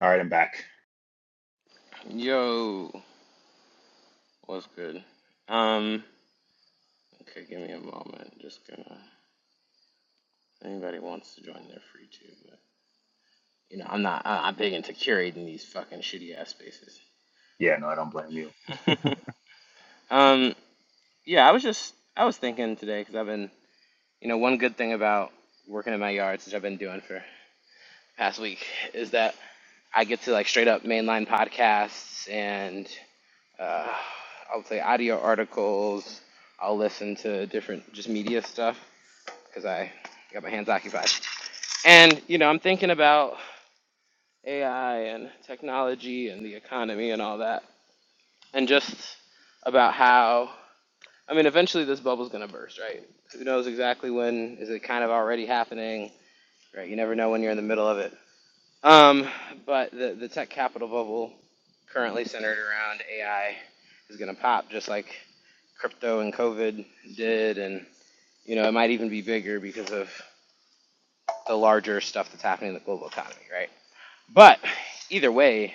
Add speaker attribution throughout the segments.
Speaker 1: All right, I'm back.
Speaker 2: Yo, what's good? Um, okay, give me a moment. Just gonna. Anybody wants to join, they're free to. But you know, I'm not. I- I'm big into curating these fucking shitty ass spaces.
Speaker 1: Yeah, no, I don't blame you.
Speaker 2: um, yeah, I was just. I was thinking today because I've been. You know, one good thing about working in my yards, which I've been doing for past week, is that I get to like straight up mainline podcasts and uh, I'll say audio articles. I'll listen to different just media stuff because I got my hands occupied. And, you know, I'm thinking about AI and technology and the economy and all that, and just about how, I mean, eventually this bubble's going to burst, right? Who knows exactly when? Is it kind of already happening? Right? You never know when you're in the middle of it. Um, but the, the tech capital bubble, currently centered around AI, is going to pop just like crypto and COVID did. And, you know, it might even be bigger because of the larger stuff that's happening in the global economy, right? But either way,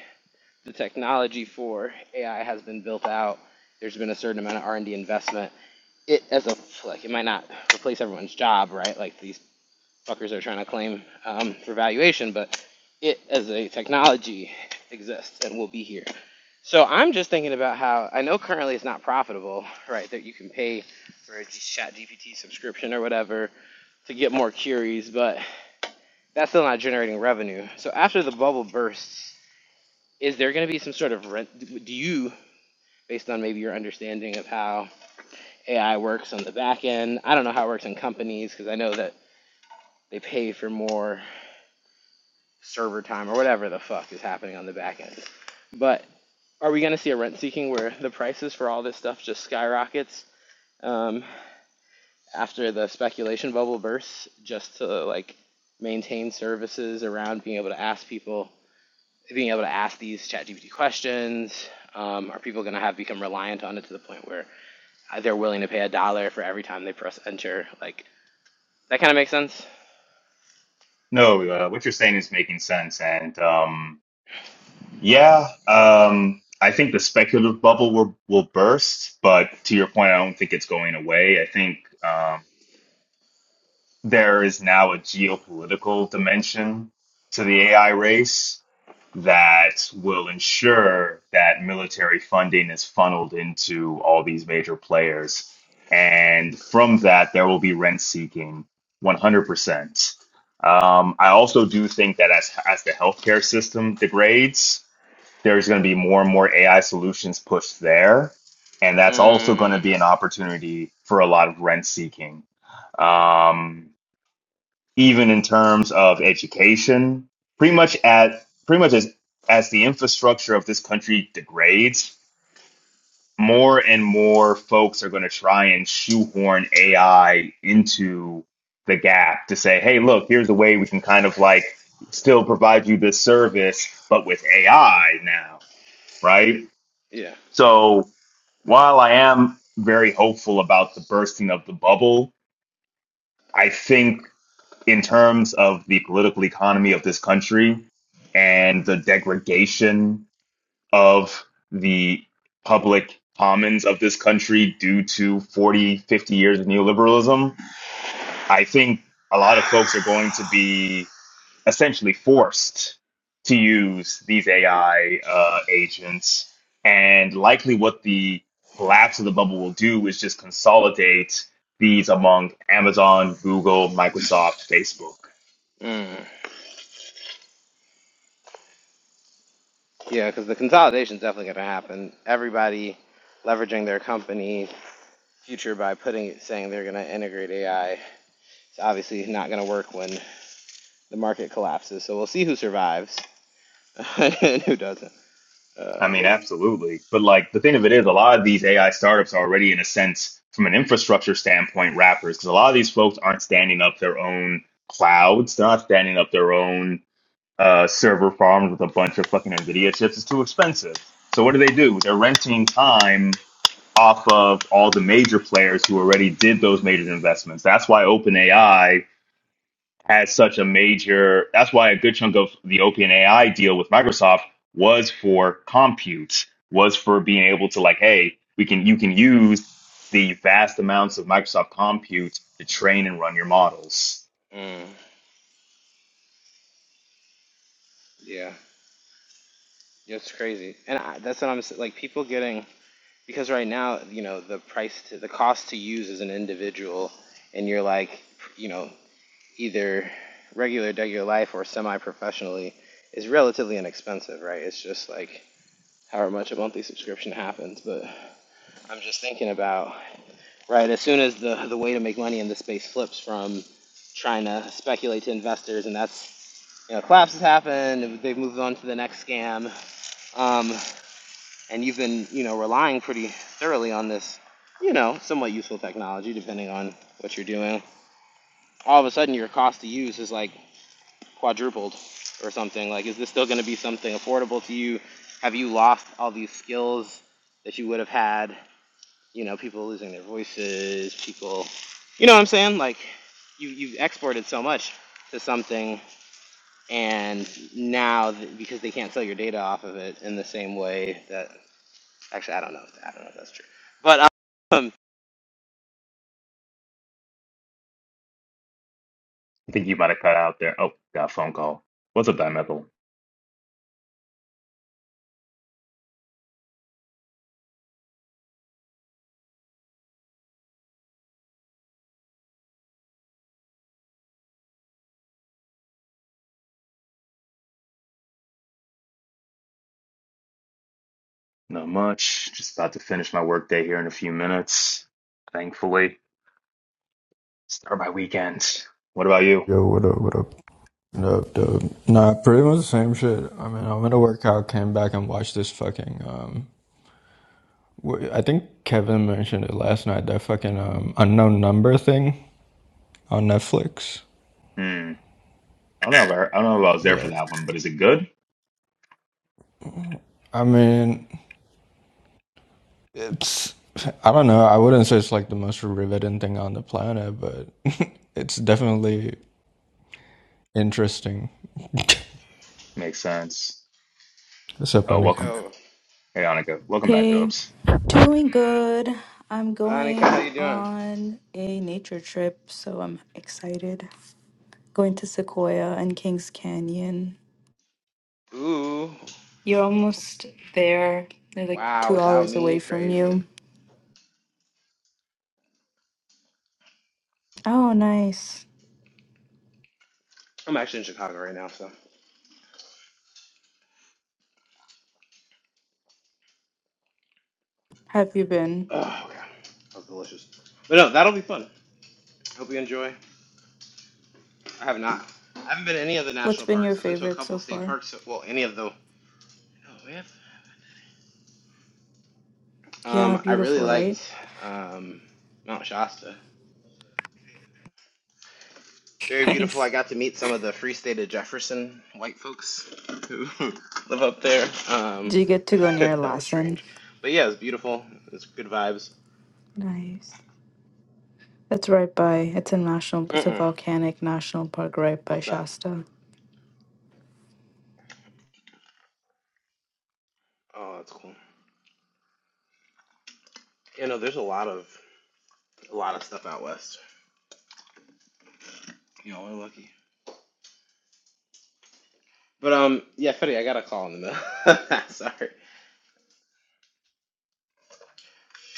Speaker 2: the technology for AI has been built out. There's been a certain amount of R&D investment. It as a like it might not replace everyone's job, right? Like these fuckers are trying to claim um, for valuation, but it as a technology exists and will be here. So I'm just thinking about how I know currently it's not profitable, right? That you can pay for a Chat GPT subscription or whatever to get more queries, but that's still not generating revenue. So after the bubble bursts, is there going to be some sort of rent? Do you, based on maybe your understanding of how AI works on the back end, I don't know how it works in companies because I know that they pay for more server time or whatever the fuck is happening on the back end. But are we going to see a rent seeking where the prices for all this stuff just skyrockets um, after the speculation bubble bursts just to like maintain services around being able to ask people being able to ask these ChatGPT questions? Um, are people going to have become reliant on it to the point where they're willing to pay a dollar for every time they press enter? Like that kind of makes sense.
Speaker 1: No, uh, what you're saying is making sense, and um, yeah, um, I think the speculative bubble will will burst, but to your point, I don't think it's going away. I think. um, there is now a geopolitical dimension to the AI race that will ensure that military funding is funneled into all these major players. And from that, there will be rent seeking 100%. Um, I also do think that as, as the healthcare system degrades, there's going to be more and more AI solutions pushed there. And that's also going to
Speaker 2: Mm,
Speaker 1: be an opportunity for a lot of rent seeking. Um, even in terms of education. Pretty much at pretty much as as the infrastructure of this country degrades, more and more folks are going to try and shoehorn AI into the gap to say, hey, look, here's a way we can kind of like still provide you this service, but with AI now, right?
Speaker 2: yeah,
Speaker 1: So while I am very hopeful about the bursting of the bubble, I think. in terms of the political economy of this country and the degradation of the public commons of this country due to 40, 50 years of neoliberalism, I think a lot of folks are going to be essentially forced to use these AI uh, agents. And likely what the collapse of the bubble will do is just consolidate these among Amazon, Google, Microsoft, Facebook.
Speaker 2: mm. yeah, because the consolidation is definitely going to happen. Everybody leveraging their company future by putting it saying they're going to integrate AI. It's obviously not going to work when the market collapses. So we'll see who survives and who doesn't.
Speaker 1: I
Speaker 2: Uh,
Speaker 1: mean, absolutely. But like the thing of it is, a lot of these AI startups are already, in a sense, from an infrastructure standpoint, wrappers, because a lot of these folks aren't standing up their own clouds. They're not standing up their own uh, server farms with a bunch of fucking NVIDIA chips. It's too expensive. So what do they do? They're renting time off of all the major players who already did those major investments. That's why OpenAI had such a major that's why a good chunk of the OpenAI deal with Microsoft was for compute, was for being able to like, hey, we can you can use the vast amounts of Microsoft compute to train and run your models.
Speaker 2: mm, yeah. Yeah, It's crazy, and I, that's what I'm s- like. People getting because right now, you know, the price to the cost to use as an individual, and you're like, you know, either regular, regular life or semi-professionally, is relatively inexpensive, right? It's just like however much a monthly subscription happens. But I'm just thinking about right as soon as the the way to make money in this space flips from trying to speculate to investors, and that's you know, collapse has happened. They've moved on to the next scam. Um, and you've been, you know, relying pretty thoroughly on this, you know, somewhat useful technology, depending on what you're doing. All of a sudden, your cost to use is like quadrupled or something. Like, is this still going to be something affordable to you? Have you lost all these skills that you would have had? You know, people losing their voices, people, you know what I'm saying? Like, you you've exported so much to something, and now because they can't sell your data off of it in the same way that Actually, I don't know. If that, I don't know if that's true. But um,
Speaker 1: I think you might have cut out there. Oh, got a phone call. What's up, Dimethyl? Not much. Just about to finish my workday here in a few minutes. Thankfully. Start my weekend. What about you?
Speaker 3: Yo, what up, what up? What up, dub? Nah, pretty much the same shit. I mean, I went to work out, came back and watched this fucking, um, wh- I think Kevin mentioned it last night, that fucking, um, unknown number thing on Netflix.
Speaker 1: Hmm. I don't know if I, I don't know if I was there for
Speaker 3: Yeah.
Speaker 1: that one, but is it good?
Speaker 3: I mean, it's, I don't know, I wouldn't say it's like the most riveting thing on the planet, but it's definitely interesting.
Speaker 1: Makes sense.
Speaker 3: What's up,
Speaker 1: Oh,
Speaker 3: Anika?
Speaker 1: welcome
Speaker 2: yo,
Speaker 1: Hey, Annika, welcome back,
Speaker 4: Hey,
Speaker 1: Dubs.
Speaker 4: doing good. I'm
Speaker 2: Anika, how
Speaker 4: going
Speaker 2: you doing?
Speaker 4: on a nature trip, so I'm excited. Going to Sequoia and Kings Canyon.
Speaker 2: Ooh,
Speaker 4: You're almost there. They're like
Speaker 2: wow.
Speaker 4: two
Speaker 2: Without
Speaker 4: hours away
Speaker 2: me,
Speaker 4: from
Speaker 2: crazy.
Speaker 4: you. Oh, nice.
Speaker 2: I'm actually in Chicago right now, so
Speaker 4: Have you been?
Speaker 2: oh god, that was delicious. But no, that'll be fun. Hope you enjoy. I have not. I haven't been to any of the
Speaker 4: What's
Speaker 2: national
Speaker 4: been your
Speaker 2: parks. I've been to a
Speaker 4: favorite
Speaker 2: couple
Speaker 4: so
Speaker 2: of state
Speaker 4: far?
Speaker 2: parks. Well, any of the. Oh man.
Speaker 4: Yeah,
Speaker 2: Um, I really
Speaker 4: beautiful, right?
Speaker 2: liked um, Mount Shasta. Very beautiful. I
Speaker 4: Nice.
Speaker 2: got to meet some of the Free State of Jefferson white folks who live up there. Um,
Speaker 4: Do you get to go near
Speaker 2: that was
Speaker 4: Lassen?
Speaker 2: strange. But yeah, it was beautiful. It's good vibes.
Speaker 4: Nice. That's right by, it's a national, it's a
Speaker 2: Mm-mm.
Speaker 4: volcanic national park right by
Speaker 2: What's that?
Speaker 4: Shasta.
Speaker 2: Oh, that's cool. You know, there's a lot of a lot of stuff out west. You know, we're lucky. But um, yeah, Fetty, I got a call in the middle. Sorry.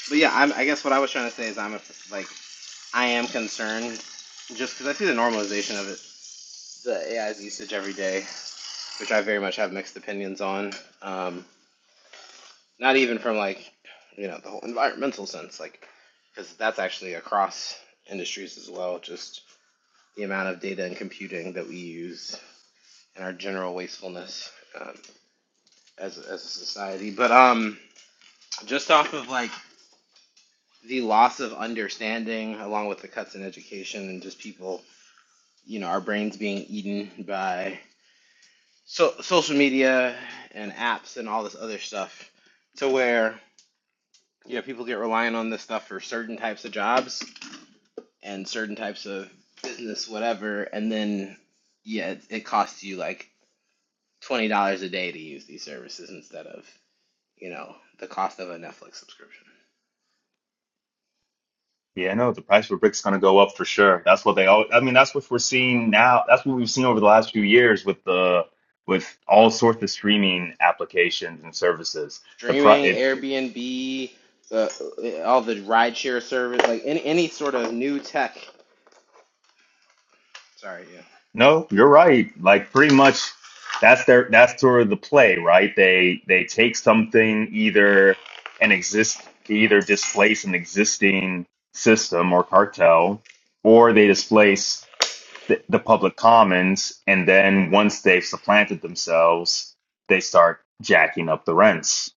Speaker 2: But yeah, I'm, I guess what I was trying to say is I'm a, like I am concerned just because I see the normalization of it, the AI's usage every day. which I very much have mixed opinions on. Um, not even from like, you know, the whole environmental sense, like, because that's actually across industries as well. Just the amount of data and computing that we use and our general wastefulness um, as as a society. But um, just off of like the loss of understanding, along with the cuts in education and just people, you know, our brains being eaten by so social media and apps and all this other stuff, to where yeah, people get reliant on this stuff for certain types of jobs and certain types of business, whatever, and then yeah, it, it costs you like twenty dollars a day to use these services instead of you know the cost of a Netflix subscription.
Speaker 1: Yeah, no, the price for bricks going to go up for sure. That's what they all. I mean, that's what we're seeing now. That's what we've seen over the last few years with the with all sorts of streaming applications and services. The pri
Speaker 2: Streaming,
Speaker 1: it,
Speaker 2: Airbnb, the all the rideshare service, like any any sort of new tech. Sorry, yeah,
Speaker 1: no, you're right. Like pretty much, that's their that's sort of the play, right? They they take something either an exist either displace an existing system or cartel, or they displace. the, the public commons, and then once they've supplanted themselves, they start jacking up the rents.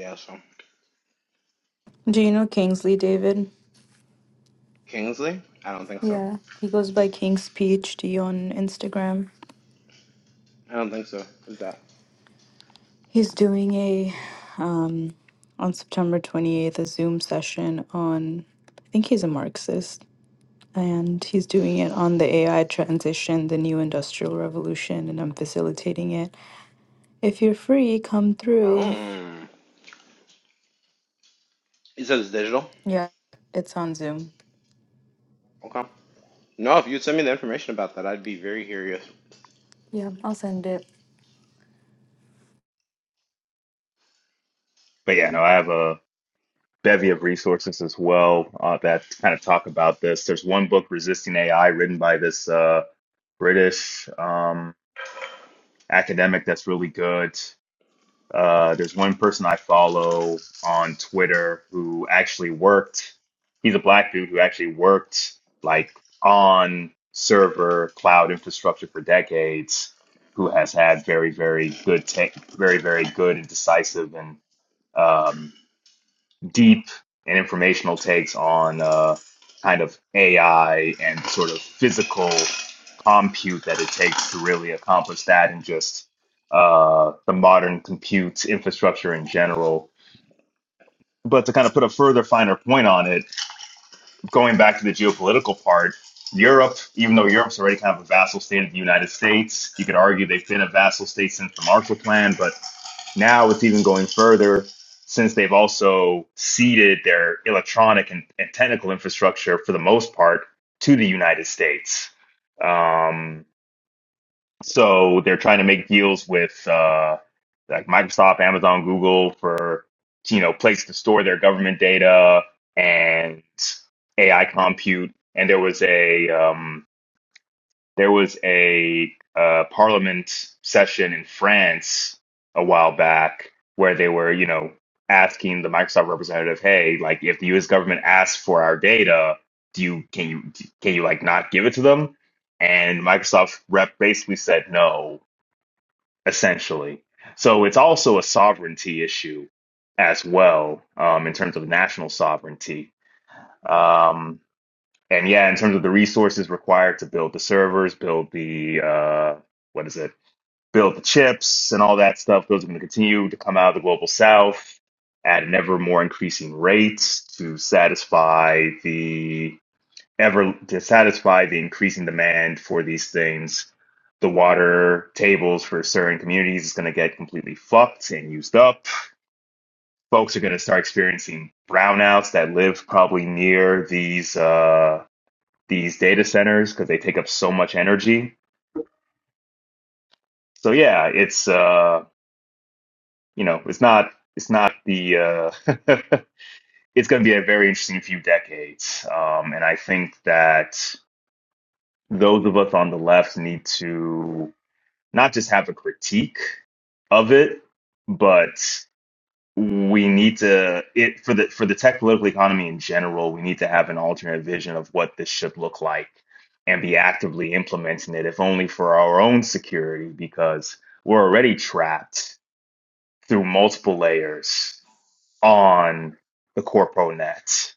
Speaker 2: yeah. So
Speaker 4: Do you know Kingsley, David?
Speaker 2: Kingsley, I don't think so.
Speaker 4: Yeah, he goes by King's PhD on Instagram.
Speaker 2: I don't think so. Who's that?
Speaker 4: He's doing a um on September 28th a Zoom session on I think he's a Marxist and he's doing it on the AI transition, the new industrial revolution and I'm facilitating it. If you're free, come through.
Speaker 2: Oh, he says it's digital.
Speaker 4: Yeah, it's on Zoom.
Speaker 2: Okay. No, if you'd send me the information about that, I'd be very curious.
Speaker 4: Yeah, I'll send it.
Speaker 1: But yeah, no, I have a bevy of resources as well uh, that kind of talk about this. There's one book, Resisting AI, written by this uh, British um, academic that's really good. Uh, there's one person I follow on Twitter who actually worked. He's a black dude who actually worked like on server cloud infrastructure for decades, who has had very, very good, ta very, very good and decisive and um, deep and informational takes on uh, kind of AI and the sort of physical compute that it takes to really accomplish that and just uh, the modern compute infrastructure in general. But to kind of put a further finer point on it, going back to the geopolitical part, Europe, even though Europe's already kind of a vassal state of the United States, you could argue they've been a vassal state since the Marshall Plan, but now it's even going further since they've also ceded their electronic and, and technical infrastructure for the most part to the United States. Um, so they're trying to make deals with uh, like Microsoft, Amazon, Google for you know place to store their government data and AI compute. And there was a um, there was a uh, parliament session in France a while back where they were you know asking the Microsoft representative, hey, like if the U.S. government asks for our data, do you can you can you like not give it to them? And Microsoft rep basically said no essentially. So it's also a sovereignty issue as well, um, in terms of national sovereignty. Um, and yeah, in terms of the resources required to build the servers, build the uh, what is it? Build the chips and all that stuff. Those are going to continue to come out of the global south at an ever more increasing rate to satisfy the ever to satisfy the increasing demand for these things, the water tables for certain communities is going to get completely fucked and used up. Folks are going to start experiencing brownouts that live probably near these uh, these data centers because they take up so much energy. So yeah, it's uh, you know it's not it's not the uh, it's going to be a very interesting few decades, um, and I think that those of us on the left need to not just have a critique of it, but we need to it for the for the tech political economy in general, we need to have an alternate vision of what this should look like and be actively implementing it, if only for our own security, because we're already trapped through multiple layers on the corpo net.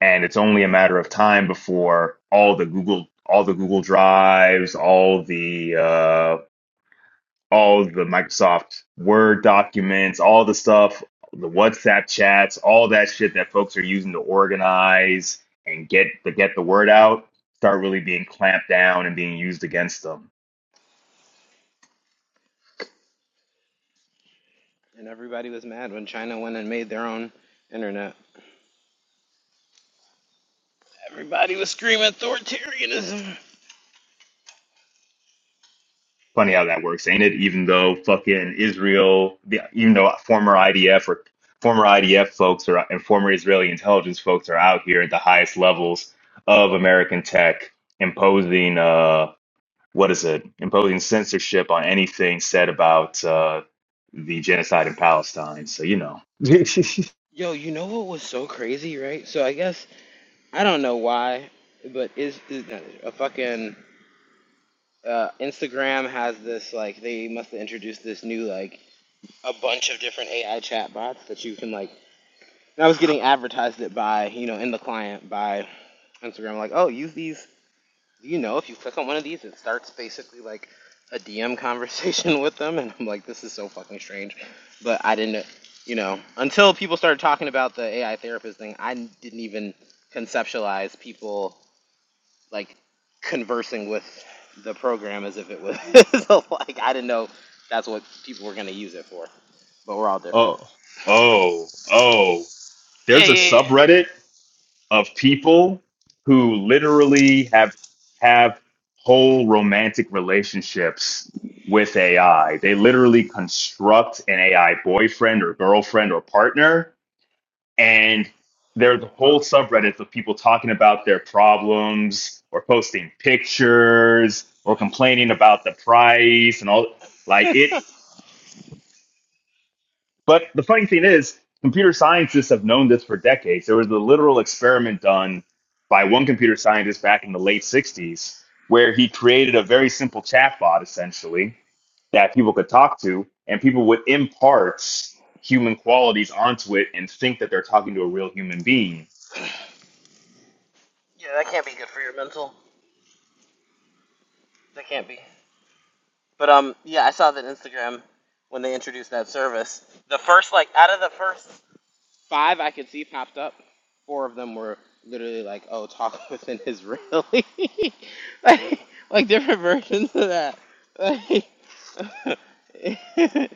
Speaker 1: And it's only a matter of time before all the Google all the Google Drives, all the uh, all the Microsoft Word documents, all the stuff, the WhatsApp chats, all that shit that folks are using to organize and get to get the word out start really being clamped down and being used against them.
Speaker 2: And everybody was mad when China went and made their own internet. Everybody was screaming authoritarianism.
Speaker 1: Funny how that works, ain't it? Even though fucking Israel, even though former IDF or former IDF folks are and former Israeli intelligence folks are out here at the highest levels of American tech imposing. Uh, what is it, imposing censorship on anything said about uh, the genocide in Palestine. So, you know.
Speaker 2: Yo, you know what was so crazy, right? So I guess I don't know why, but is, is a fucking uh, Instagram has this like they must have introduced this new like a bunch of different AI chat bots that you can like. And I was getting advertised it by you know in the client by Instagram like oh use these you know, if you click on one of these, it starts basically like a DM conversation with them, and I'm like, this is so fucking strange. But I didn't, you know, until people started talking about the AI therapist thing, I didn't even conceptualize people like conversing with the program as if it was so, like I didn't know that's what people were gonna use it for. But we're all different.
Speaker 1: Oh, oh, oh.
Speaker 2: Yeah, yeah,
Speaker 1: There's a
Speaker 2: yeah.
Speaker 1: subreddit of people who literally have have whole romantic relationships with AI. They literally construct an AI boyfriend or girlfriend or partner and there's whole subreddits of people talking about their problems or posting pictures or complaining about the price and all like it. But the funny thing is, computer scientists have known this for decades. There was a literal experiment done by one computer scientist back in the late 60s where he created a very simple chatbot essentially that people could talk to and people would impart human qualities onto it and think that they're talking to a real human being
Speaker 2: Yeah, that can't be good for your mental. That can't be. But um, yeah, I saw that Instagram when they introduced that service. The first like out of the first five I could see popped up, four of them were literally like, "Oh, talk with an Israeli," like like different versions of that. Like,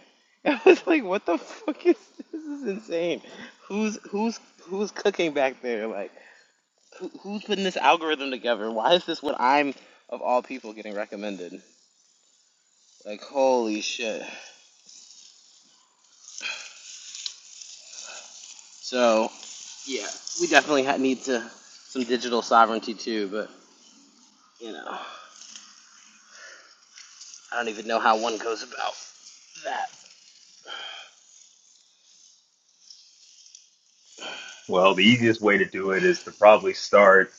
Speaker 2: I was like, "What the fuck is this? Is insane. Who's who's who's cooking back there? Like, who, who's putting this algorithm together? Why is this what I'm of all people getting recommended? Like, holy shit." So, yeah, we definitely need to some digital sovereignty too. But you know, I don't even know how one goes about
Speaker 1: Well, the easiest way to do it is to probably start.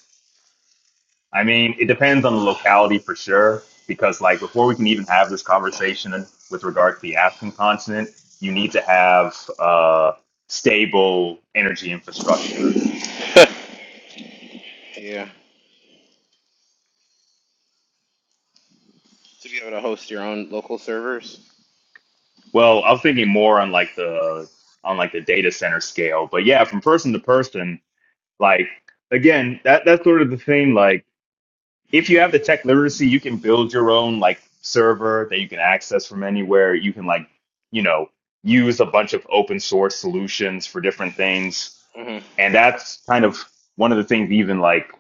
Speaker 1: I mean, it depends on the locality for sure, because like before we can even have this conversation with regard to the African continent, you need to have uh, stable energy infrastructure.
Speaker 2: that. yeah. To be able to host your own local servers.
Speaker 1: Well, I was thinking more on like the on like the data center scale, but yeah, from person to person, like again, that that's sort of the thing. Like if you have the tech literacy, you can build your own like server that you can access from anywhere. You can like, you know, use a bunch of open source solutions for different things.
Speaker 2: hmm
Speaker 1: And that's kind of one of the things even like,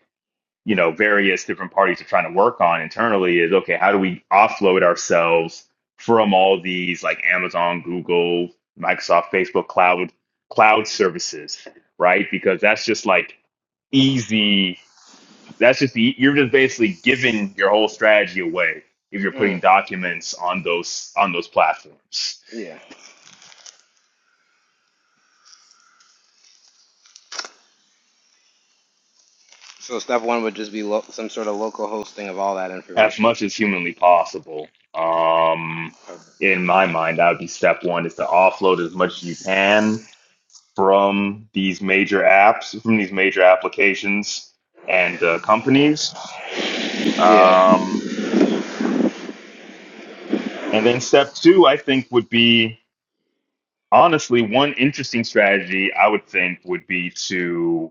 Speaker 1: you know, various different parties are trying to work on internally is okay, how do we offload ourselves from all these like Amazon, Google, Microsoft, Facebook cloud cloud services, right? Because that's just like easy that's just the, you're just basically giving your whole strategy away if you're putting
Speaker 2: Mm.
Speaker 1: documents on those on those platforms
Speaker 2: Yeah. So step one would just be lo- some sort of local hosting of all that
Speaker 1: as
Speaker 2: information.
Speaker 1: much as humanly possible. Um, in my mind, that would be step one: is to offload as much as you can from these major apps, from these major applications and uh, companies.
Speaker 2: Yeah.
Speaker 1: Um, and then step two, I think, would be honestly one interesting strategy. I would think would be to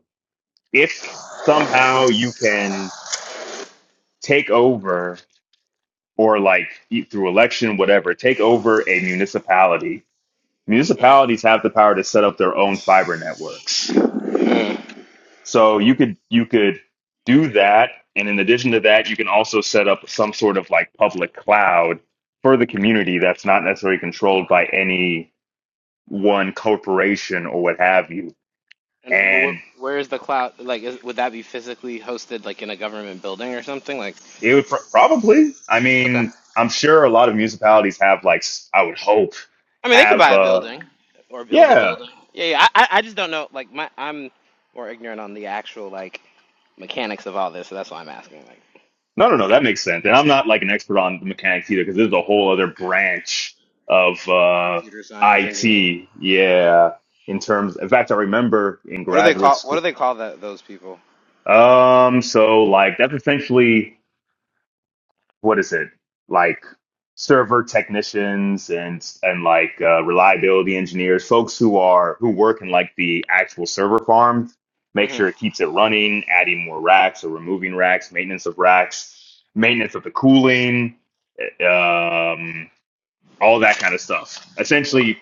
Speaker 1: if somehow you can take over or like e- through election whatever take over a municipality
Speaker 2: Mhm.
Speaker 1: municipalities have the power to set up their own fiber networks
Speaker 2: Mm.
Speaker 1: so you could you could do that and in addition to that you can also set up some sort of like public cloud for the community that's not necessarily controlled by any one corporation or what have you
Speaker 2: And wh-
Speaker 1: and.
Speaker 2: where is the cloud? Like, is, would that be physically hosted, like in a government building or something? Like.
Speaker 1: It would pr- probably. I
Speaker 2: Okay.
Speaker 1: mean, I'm sure a lot of municipalities have like s- I would hope
Speaker 2: I mean, they could
Speaker 1: have
Speaker 2: buy a
Speaker 1: uh
Speaker 2: building or build a
Speaker 1: yeah.
Speaker 2: building. Yeah, yeah. I, I I just don't know. Like, my, I'm more ignorant on the actual like mechanics of all this, so that's why I'm asking. Like,
Speaker 1: No, no, no, that makes sense. And I'm not like an expert on the mechanics either because this is a whole other branch of uh
Speaker 2: computer science engineering.
Speaker 1: IT.
Speaker 2: Yeah.
Speaker 1: Yeah, in terms. In fact, I remember in
Speaker 2: What do they
Speaker 1: graduate
Speaker 2: call? What do
Speaker 1: school.
Speaker 2: they call that? Those people.
Speaker 1: Um, so like that's essentially what is it like server technicians and and like uh, reliability engineers, folks who are who work in like the actual server farms, make
Speaker 2: hmm
Speaker 1: sure it keeps it running, adding more racks or removing racks, maintenance of racks, maintenance of the cooling, eh, um, all that kind of stuff.
Speaker 2: Okay.
Speaker 1: Essentially,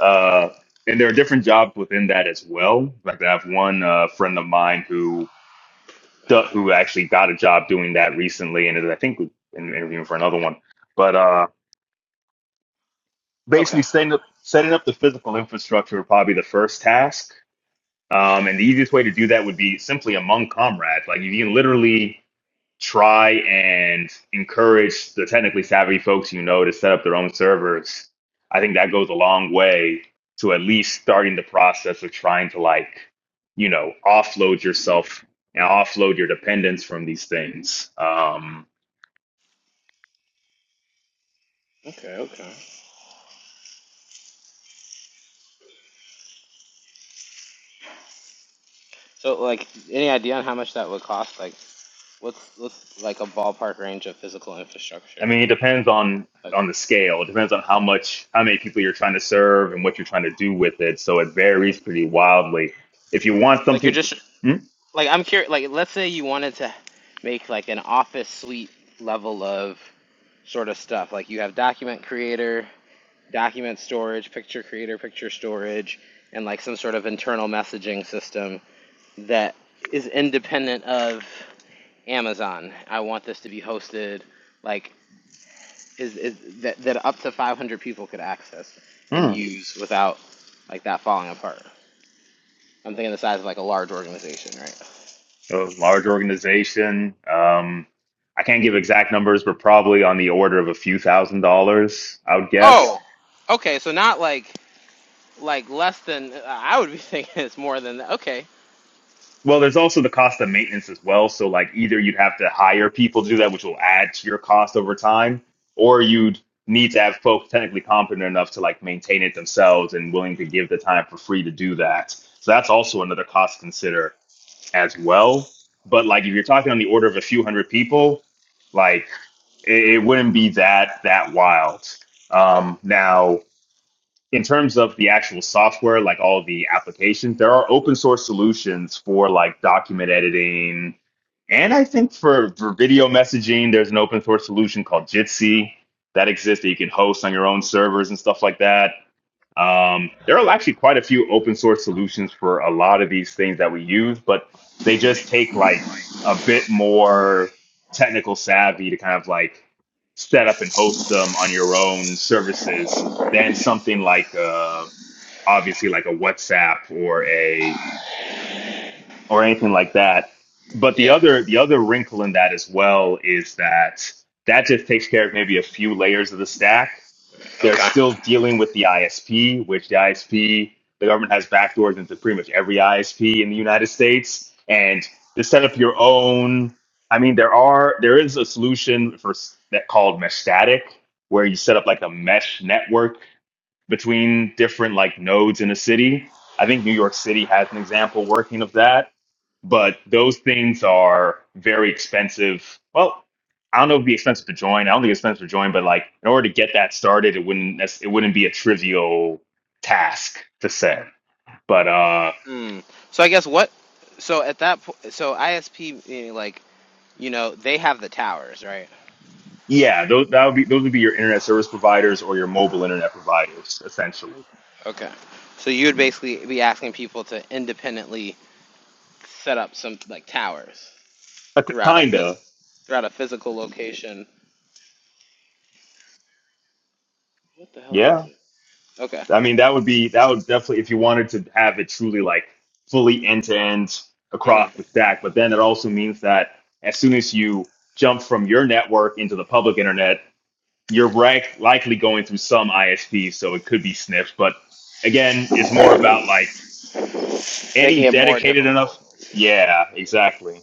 Speaker 1: uh, and there are different jobs within that as well. Like I have one uh, friend of mine who who actually got a job doing that recently, and is, I think in- interviewing for another one. But uh, basically,
Speaker 2: Okay.
Speaker 1: setting up setting up the physical infrastructure would probably be the first task. Um, and the easiest way to do that would be simply among comrades. Like you can literally try and encourage the technically savvy folks you know to set up their own servers, I think that goes a long way to at least starting the process of trying to like, you know, offload yourself and offload your dependence from these things. Um,
Speaker 2: Okay. Okay. So, like, any idea on how much that would cost? Like, what's what's like a ballpark range of physical
Speaker 1: I
Speaker 2: infrastructure?
Speaker 1: mean, it depends on
Speaker 2: Like,
Speaker 1: on the scale. It depends on how much, how many people you're trying to serve and what you're trying to do with it. So it varies pretty wildly. If you want
Speaker 2: like you're
Speaker 1: something,
Speaker 2: just
Speaker 1: Hmm?
Speaker 2: like I'm curious. Like, let's say you wanted to make like an office suite level of sort of stuff. Like you have document creator, document storage, picture creator, picture storage, and like some sort of internal messaging system that is independent of Amazon. I want this to be hosted like is, is that, that up to 500 people could access and
Speaker 1: Hmm.
Speaker 2: use without like that falling apart. I'm thinking the size of like a large organization, right?
Speaker 1: a large organization. Um, I can't give exact numbers, but probably on the order of a few thousand dollars, I would guess.
Speaker 2: Oh, okay. So not like like less than I would be thinking it's more than that. Okay.
Speaker 1: Well, there's also the cost of maintenance as well. So, like, either you'd have to hire people to do that, which will add to your cost over time, or you'd need to have folks technically competent enough to like maintain it themselves and willing to give the time for free to do that. So that's also another cost to consider as well. But like if you're talking on the order of a few hundred people, like it, it wouldn't be that that wild.
Speaker 2: Okay.
Speaker 1: Um, now, in terms of the actual software, like all the applications, there are open source solutions for like document editing, and I think for for video messaging, there's an open source solution called Jitsi that exists that you can host on your own servers and stuff like that. Um, there are actually quite a few open source solutions for a lot of these things that we use, but they just take like a bit more technical savvy to kind of like set up and host them on your own services than something like uh, obviously like a WhatsApp or a or anything like that. But the
Speaker 2: Yeah.
Speaker 1: other the other wrinkle in that as well is that that just takes care of maybe a few layers of the stack they're
Speaker 2: Okay.
Speaker 1: still dealing with the ISP, which the ISP, the government has backdoors into pretty much every ISP in the United States. And to set up your own, I mean, there are there is a solution for s- that called mesh static, where you set up like a mesh network between different like nodes in a city. I think New York City has an example working of that but those things are very expensive. Well, I don't know if it'd be expensive to join. I don't think it's expensive to join, but like in order to get that started, it wouldn't nec- it wouldn't be a trivial task to set. But uh,
Speaker 2: Mm. So I guess what? So at that point, so ISP meaning like you know they have the towers, right?
Speaker 1: yeah, those that would be those would be your internet service providers or your mobile internet providers, essentially.
Speaker 2: Okay. So you would basically be asking people to independently set up some like towers
Speaker 1: Uh, k-
Speaker 2: throughout a
Speaker 1: kinda,
Speaker 2: phys- throughout a physical location. What the hell is
Speaker 1: yeah.
Speaker 2: this? Okay.
Speaker 1: I mean, that would be that would definitely if you wanted to have it truly like fully end to end
Speaker 2: hmm
Speaker 1: across the stack. But then it also means that as soon as you jump from your network into the public internet, you're right, likely going through some ISP, so it could be sniffed. But again, it's more about like
Speaker 2: Making
Speaker 1: any
Speaker 2: it more
Speaker 1: dedicated enough.
Speaker 2: difficult.
Speaker 1: Yeah, exactly.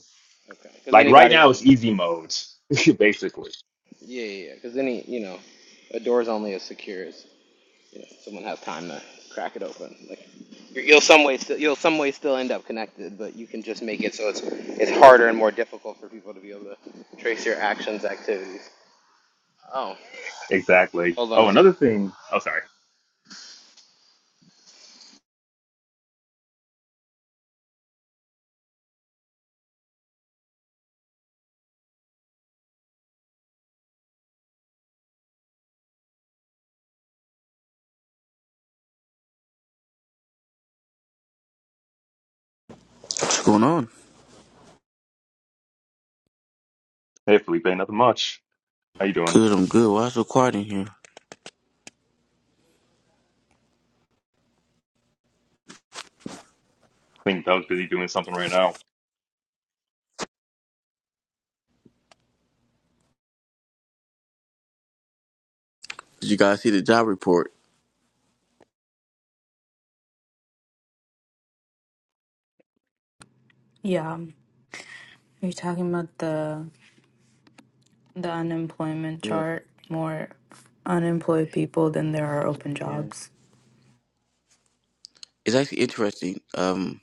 Speaker 2: Okay. Because
Speaker 1: Like right
Speaker 2: anybody
Speaker 1: now,
Speaker 2: can.
Speaker 1: it's easy modes, basically.
Speaker 2: Yeah, yeah. Because any you know, a door's only as secure as you know, someone has time to crack it open. Like you will some way still you'll some way still end up connected, but you can just make it so it's it's harder and more difficult for people to be able to trace your actions, activities. Oh,
Speaker 1: Exactly.
Speaker 2: hold on
Speaker 1: Oh,
Speaker 2: a sec.
Speaker 1: another thing. Oh, sorry.
Speaker 5: What's going on?
Speaker 1: Hey, Felipe, nothing much. How you doing?
Speaker 5: Good, I'm good. Why is it so quiet in here?
Speaker 1: I think I was busy doing something right now.
Speaker 5: Did you guys see the job report?
Speaker 4: Yeah. You're talking about the the unemployment
Speaker 5: Yeah,
Speaker 4: chart more unemployed people than there are open
Speaker 5: yeah.
Speaker 4: jobs.
Speaker 5: It's actually interesting. Um,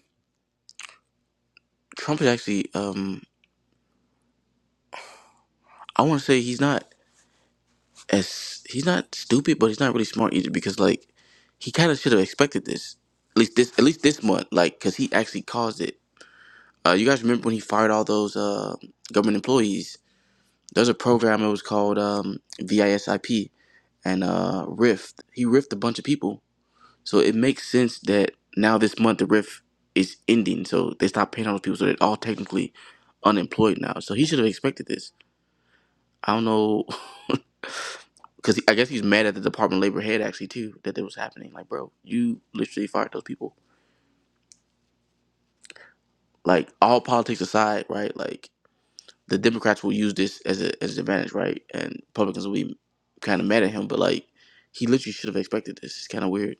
Speaker 5: Trump is actually, um, I want to say he's not as he's not stupid, but he's not really smart either because like he kind of should have expected this. At least this, at least this month, like because he actually caused it. Uh, you guys remember when he fired all those uh, government employees? There's a program. It was called um, VISIP and uh, Rift. He riffed a bunch of people So it makes sense that now this month the riff is ending, so they stop paying all those people, so they're all technically unemployed now. So he should have expected this. I don't know, because I guess he's mad at the Department of Labor head actually too that it was happening. Like, bro, you literally fired those people. Like, all politics aside, right? Like, the Democrats will use this as a as an advantage, right? And Republicans will be kind of mad at him, but like, he literally should have expected this. It's kind of weird.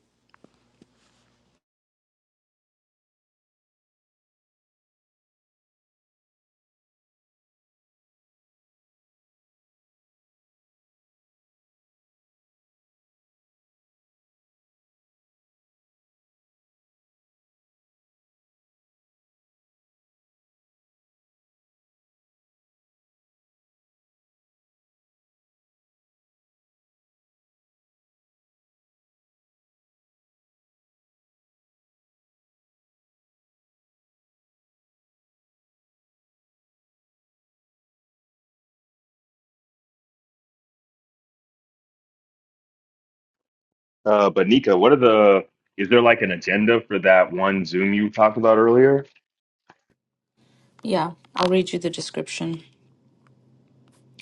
Speaker 1: Uh, but Nika, what are the, is there like an agenda for that one Zoom you talked about earlier?
Speaker 4: Yeah, I'll read you the description.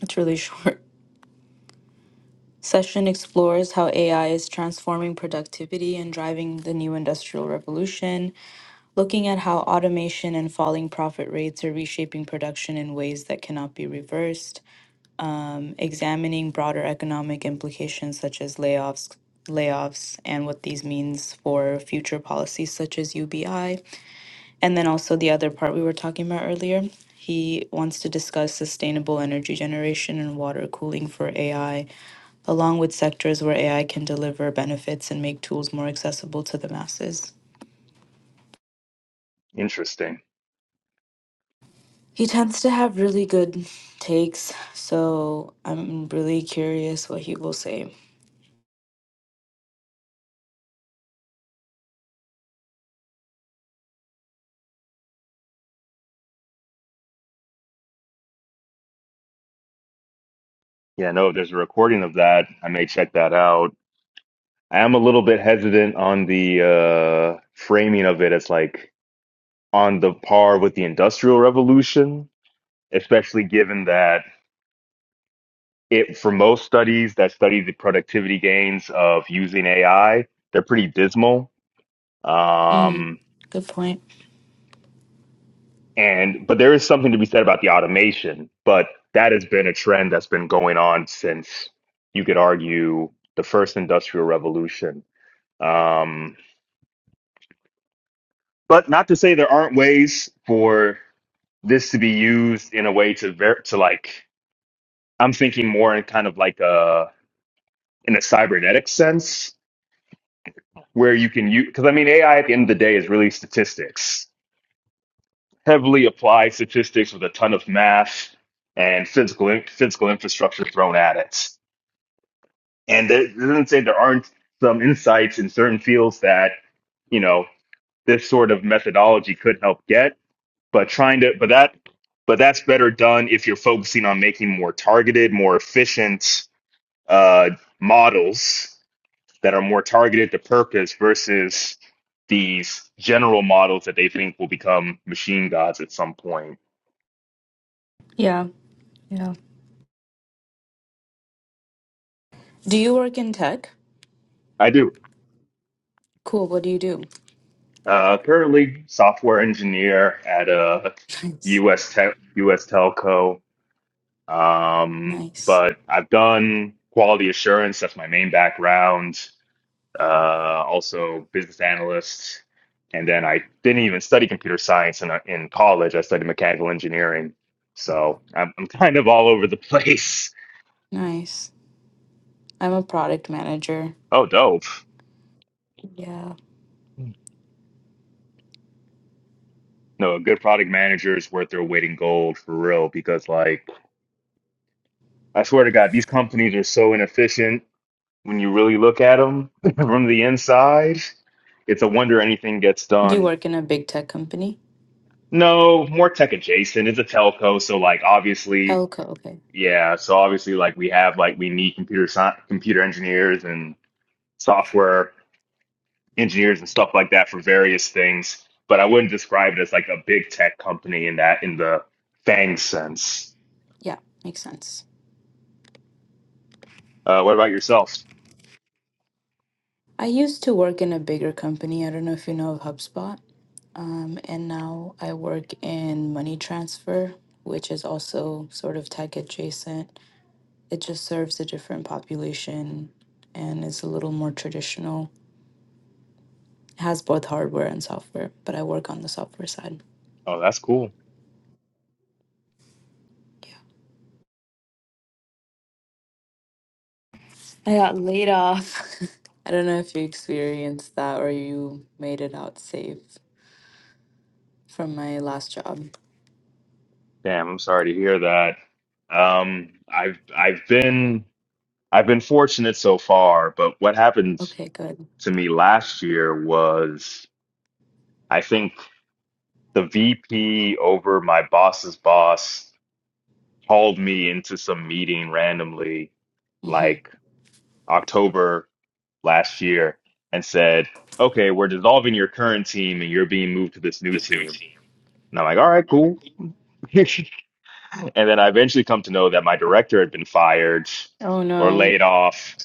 Speaker 4: It's really short. Session explores how AI is transforming productivity and driving the new industrial revolution, looking at how automation and falling profit rates are reshaping production in ways that cannot be reversed, examining broader economic implications such as layoffs, layoffs and what these means for future policies such as UBI And then also the other part we were talking about earlier, he wants to discuss sustainable energy generation and water cooling for AI, along with sectors where AI can deliver benefits and make tools more accessible to the masses.
Speaker 1: Interesting.
Speaker 4: He tends to have really good takes, so I'm really curious what he will say.
Speaker 1: Yeah, no, there's a recording of that. I may check that out. I am a little bit hesitant on the uh, framing of it as like on the par with the Industrial Revolution, especially given that it, for most studies that study the productivity gains of using AI, they're pretty dismal.
Speaker 4: Mm,
Speaker 1: Um,
Speaker 4: good point.
Speaker 1: And but there is something to be said about the automation, but that has been a trend that's been going on since you could argue the first industrial revolution. Um, but not to say there aren't ways for this to be used in a way to ver- to like I'm thinking more in kind of like a in a cybernetic sense where you can use because I mean AI at the end of the day is really statistics, heavily applied statistics with a ton of math and physical in- physical infrastructure thrown at it. And there, it doesn't say there aren't some insights in certain fields that, you know, this sort of methodology could help get, but trying to, but that, but that's better done if you're focusing on making more targeted, more efficient uh, models that are more targeted to purpose versus these general models that they think will become machine gods at some point.
Speaker 4: Yeah, yeah. Do you work in tech?
Speaker 1: I do.
Speaker 4: Cool. What do you do?
Speaker 1: Uh, currently, software engineer at a
Speaker 4: Nice.
Speaker 1: U.S. Tech, U.S. telco. Um,
Speaker 4: Nice.
Speaker 1: but I've done quality assurance, that's my main background, uh, also business analyst. And then I didn't even study computer science in, uh, in college. I studied mechanical engineering. So I'm, I'm kind of all over the place.
Speaker 4: Nice. I'm a product manager.
Speaker 1: Oh, dope.
Speaker 4: Yeah.
Speaker 1: No, a good product manager is worth their weight in gold for real because, like, I swear to God, these companies are so inefficient when you really look at them from the inside. It's a wonder anything gets
Speaker 4: Do You
Speaker 1: done.
Speaker 4: work in a big tech company?
Speaker 1: No, more tech adjacent. It's a telco, so like obviously,
Speaker 4: Telco, okay.
Speaker 1: yeah. So obviously, like we have like we need computer sci- computer engineers and software engineers and stuff like that for various things. But I wouldn't describe it as like a big tech company in that in the FANG sense.
Speaker 4: Yeah, makes sense.
Speaker 1: Uh, what about yourself?
Speaker 4: I used to work in a bigger company. I don't know if you know of HubSpot. Um, and now I work in money transfer, which is also sort of tech adjacent. It just serves a different population and is a little more traditional. It has both hardware and software, but I work on the software side.
Speaker 1: Oh, that's cool.
Speaker 4: Yeah. I got laid off. I don't know if you experienced that or you made it out safe from my last job.
Speaker 1: Damn, I'm sorry to hear that. Um, I've I've been I've been fortunate so far, but what happened
Speaker 4: Okay, good.
Speaker 1: to me last year was. I think the VP over my boss's boss called me into some meeting randomly,
Speaker 4: hmm
Speaker 1: like October last year, and said, Okay, we're dissolving your current team and you're being moved to this new team. And I'm like, All right, cool. and then I eventually come to know that my director had been fired
Speaker 4: Oh
Speaker 1: or
Speaker 4: no.
Speaker 1: laid off,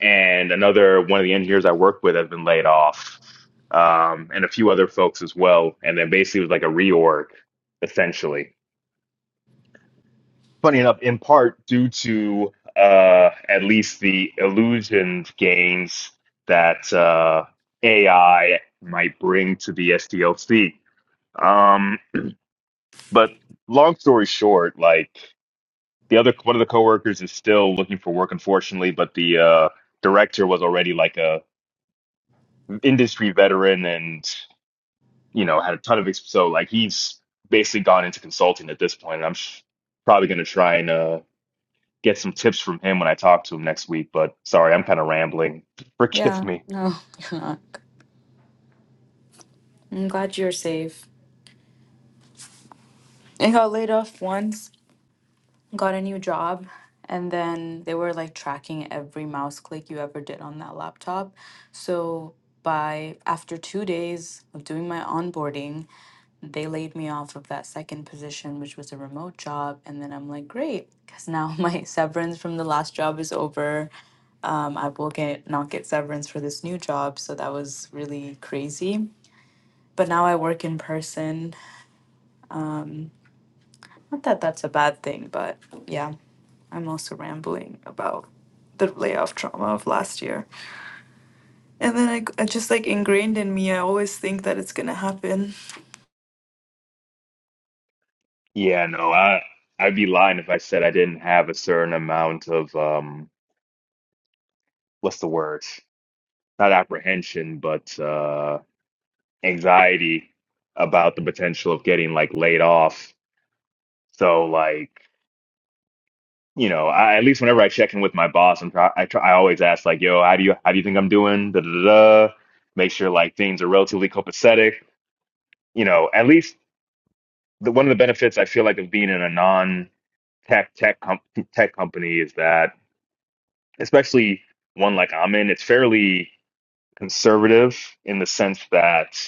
Speaker 1: and another one of the engineers I worked with had been laid off, um, and a few other folks as well. And then basically it was like a reorg, essentially funny enough, in part due to uh, at least the illusion gains that uh, AI might bring to the SDLC. Um, but long story short, like the other one of the coworkers is still looking for work, unfortunately, but the uh, director was already like a industry veteran and you know had a ton of ex- so like he's basically gone into consulting at this point. And I'm sh- probably going to try and. uh, get some tips from him when I talk to him next week. But sorry, I'm kind of rambling. Forgive
Speaker 4: Yeah,
Speaker 1: me.
Speaker 4: no, you're not. I'm glad you're safe. I got laid off once, got a new job, and then they were like tracking every mouse click you ever did on that laptop. So by after two days of doing my onboarding, they laid me off of that second position, which was a remote job. And then I'm like, great, because now my severance from the last job is over. um, I will get not get severance for this new job. So that was really crazy. But now I work in person. Not that that's a bad thing, but yeah, I'm also rambling about the layoff trauma of last year. And then I, I just like ingrained in me. I always think that it's gonna happen.
Speaker 1: Yeah, no, I I'd be lying if I said I didn't have a certain amount of um what's the word? Not apprehension, but uh anxiety about the potential of getting like laid off. So like, you know, I at least whenever I check in with my boss, I'm try I try I always ask like, yo, how do you how do you think I'm doing? Da da da. da. Make sure like things are relatively copacetic. You know, at least the, one of the benefits I feel like of being in a non tech tech com- tech company is that, especially one like I'm in, it's fairly conservative in the sense that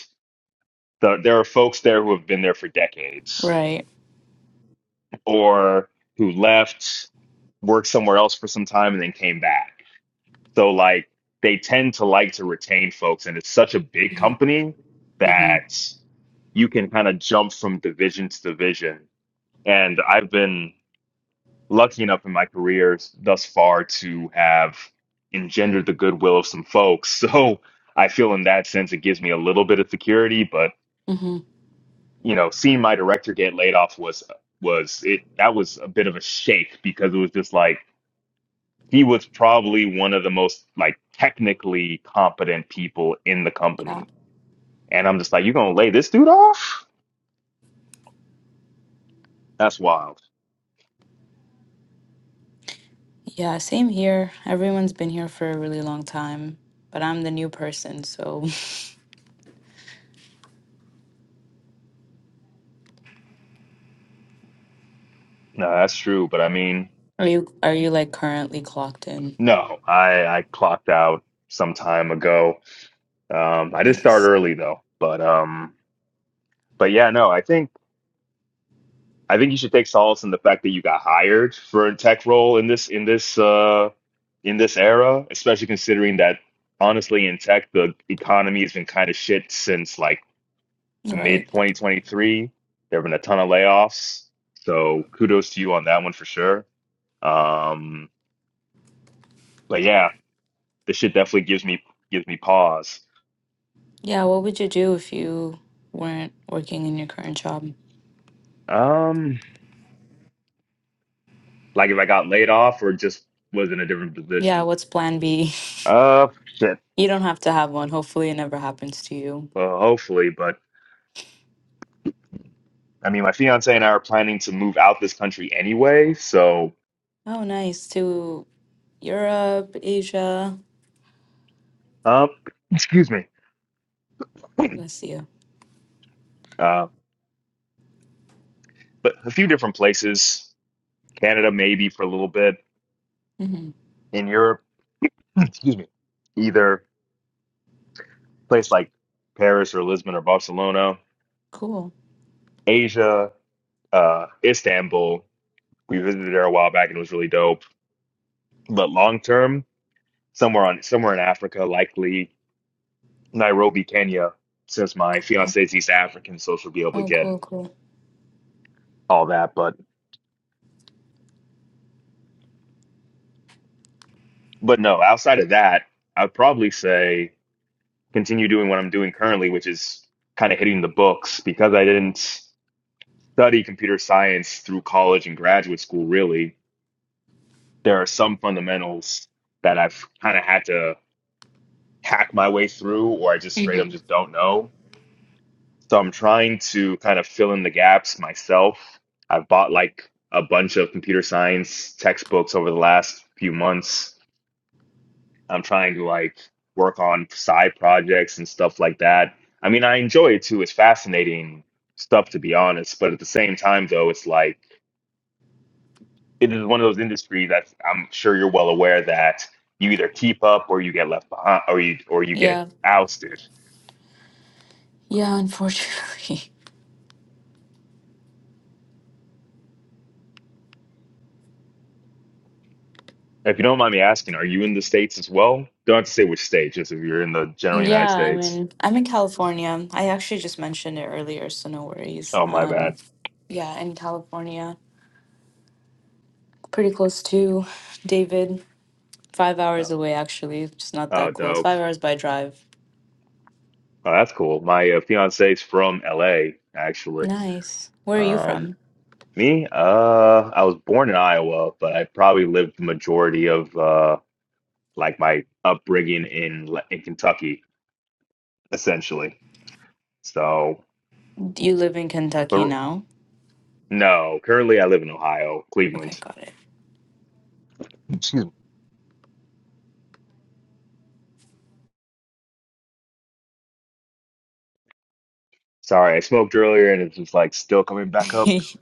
Speaker 1: the, there are folks there who have been there for decades
Speaker 4: Right.
Speaker 1: or who left, worked somewhere else for some time, and then came back. So like they tend to like to retain folks, and it's such a big
Speaker 4: hmm
Speaker 1: company
Speaker 4: hmm
Speaker 1: that you can kind of jump from division to division. And I've been lucky enough in my career thus far to have engendered the goodwill of some folks. So I feel in that sense it gives me a little bit of security, but
Speaker 4: hmm
Speaker 1: you know, seeing my director get laid off was was it that was a bit of a shake because it was just like he was probably one of the most like technically competent people in the
Speaker 4: Yeah.
Speaker 1: company. And I'm just like, you're gonna lay this dude off? That's wild.
Speaker 4: Yeah. Same here. Everyone's been here for a really long time, but I'm the new person. So
Speaker 1: No, that's true. But I mean,
Speaker 4: are you? Are you like currently clocked in?
Speaker 1: no, I I clocked out some time ago Um, I did start
Speaker 4: Nice.
Speaker 1: early though, but um, but yeah, no, I think I think you should take solace in the fact that you got hired for a tech role in this in this uh in this era, especially considering that honestly in tech the economy has been kind of shit since like
Speaker 4: Right.
Speaker 1: mid 2023. There have been a ton of layoffs, so kudos to you on that one for sure. Um, but yeah, this shit definitely gives me gives me pause.
Speaker 4: Yeah, what would you do if you weren't working in your current job?
Speaker 1: Um, like if I got laid off or just was in a different
Speaker 4: Yeah,
Speaker 1: position.
Speaker 4: what's plan B?
Speaker 1: Uh, shit.
Speaker 4: You don't have to have one. Hopefully, it never happens to you.
Speaker 1: Well, hopefully, but I mean, my fiance and I are planning to move out this country anyway, so
Speaker 4: Oh, nice. To Europe, Asia,
Speaker 1: um, excuse me.
Speaker 4: Russia.
Speaker 1: Uh, but a few different places, Canada maybe for a little bit,
Speaker 4: Mm-hmm.
Speaker 1: in Europe, excuse me, either place like Paris or Lisbon or Barcelona,
Speaker 4: Cool.
Speaker 1: Asia, uh, Istanbul. We visited there a while back and it was really dope. But long term, somewhere on somewhere in Africa, likely Nairobi, Kenya, since my
Speaker 4: Cool.
Speaker 1: fiance's East African, so she'll be able to
Speaker 4: Oh,
Speaker 1: get
Speaker 4: cool, cool.
Speaker 1: all that. But but no, outside of that, I'd probably say continue doing what I'm doing currently, which is kind of hitting the books because I didn't study computer science through college and graduate school. Really, there are some fundamentals that I've kind of had to hack my way through, or I just straight up
Speaker 4: Mm-hmm.
Speaker 1: just don't know. So I'm trying to kind of fill in the gaps myself. I've bought like a bunch of computer science textbooks over the last few months I'm trying to like work on side projects and stuff like that. I mean, I enjoy it too. It's fascinating stuff to be honest, but at the same time though, it's like it is one of those industries that I'm sure you're well aware that you either keep up or you get left behind or you or you get
Speaker 4: Yeah.
Speaker 1: ousted.
Speaker 4: Yeah, unfortunately.
Speaker 1: If you don't mind me asking, are you in the States as well? Don't have to say which state, just if you're in the general
Speaker 4: Yeah,
Speaker 1: United
Speaker 4: i mean,
Speaker 1: States.
Speaker 4: I'm in California. I actually just mentioned it earlier, so no worries.
Speaker 1: Oh, my
Speaker 4: Um,
Speaker 1: bad.
Speaker 4: yeah, in California, pretty close to David. Five hours
Speaker 1: Oh,
Speaker 4: away, actually, just not
Speaker 1: oh,
Speaker 4: that close.
Speaker 1: dope.
Speaker 4: Five hours by drive.
Speaker 1: Oh, that's cool. My uh, fiance's from LA, actually.
Speaker 4: Nice. Where are you
Speaker 1: Um,
Speaker 4: from?
Speaker 1: Me? Uh, I was born in Iowa, but I probably lived the majority of uh like my upbringing in Le- in Kentucky, essentially. So,
Speaker 4: Do you live in Kentucky
Speaker 1: but
Speaker 4: now?
Speaker 1: no, currently I live in Ohio,
Speaker 4: Okay,
Speaker 1: Cleveland.
Speaker 4: got
Speaker 1: Excuse me. Sorry, I smoked earlier and it's just like still coming back up.
Speaker 4: it.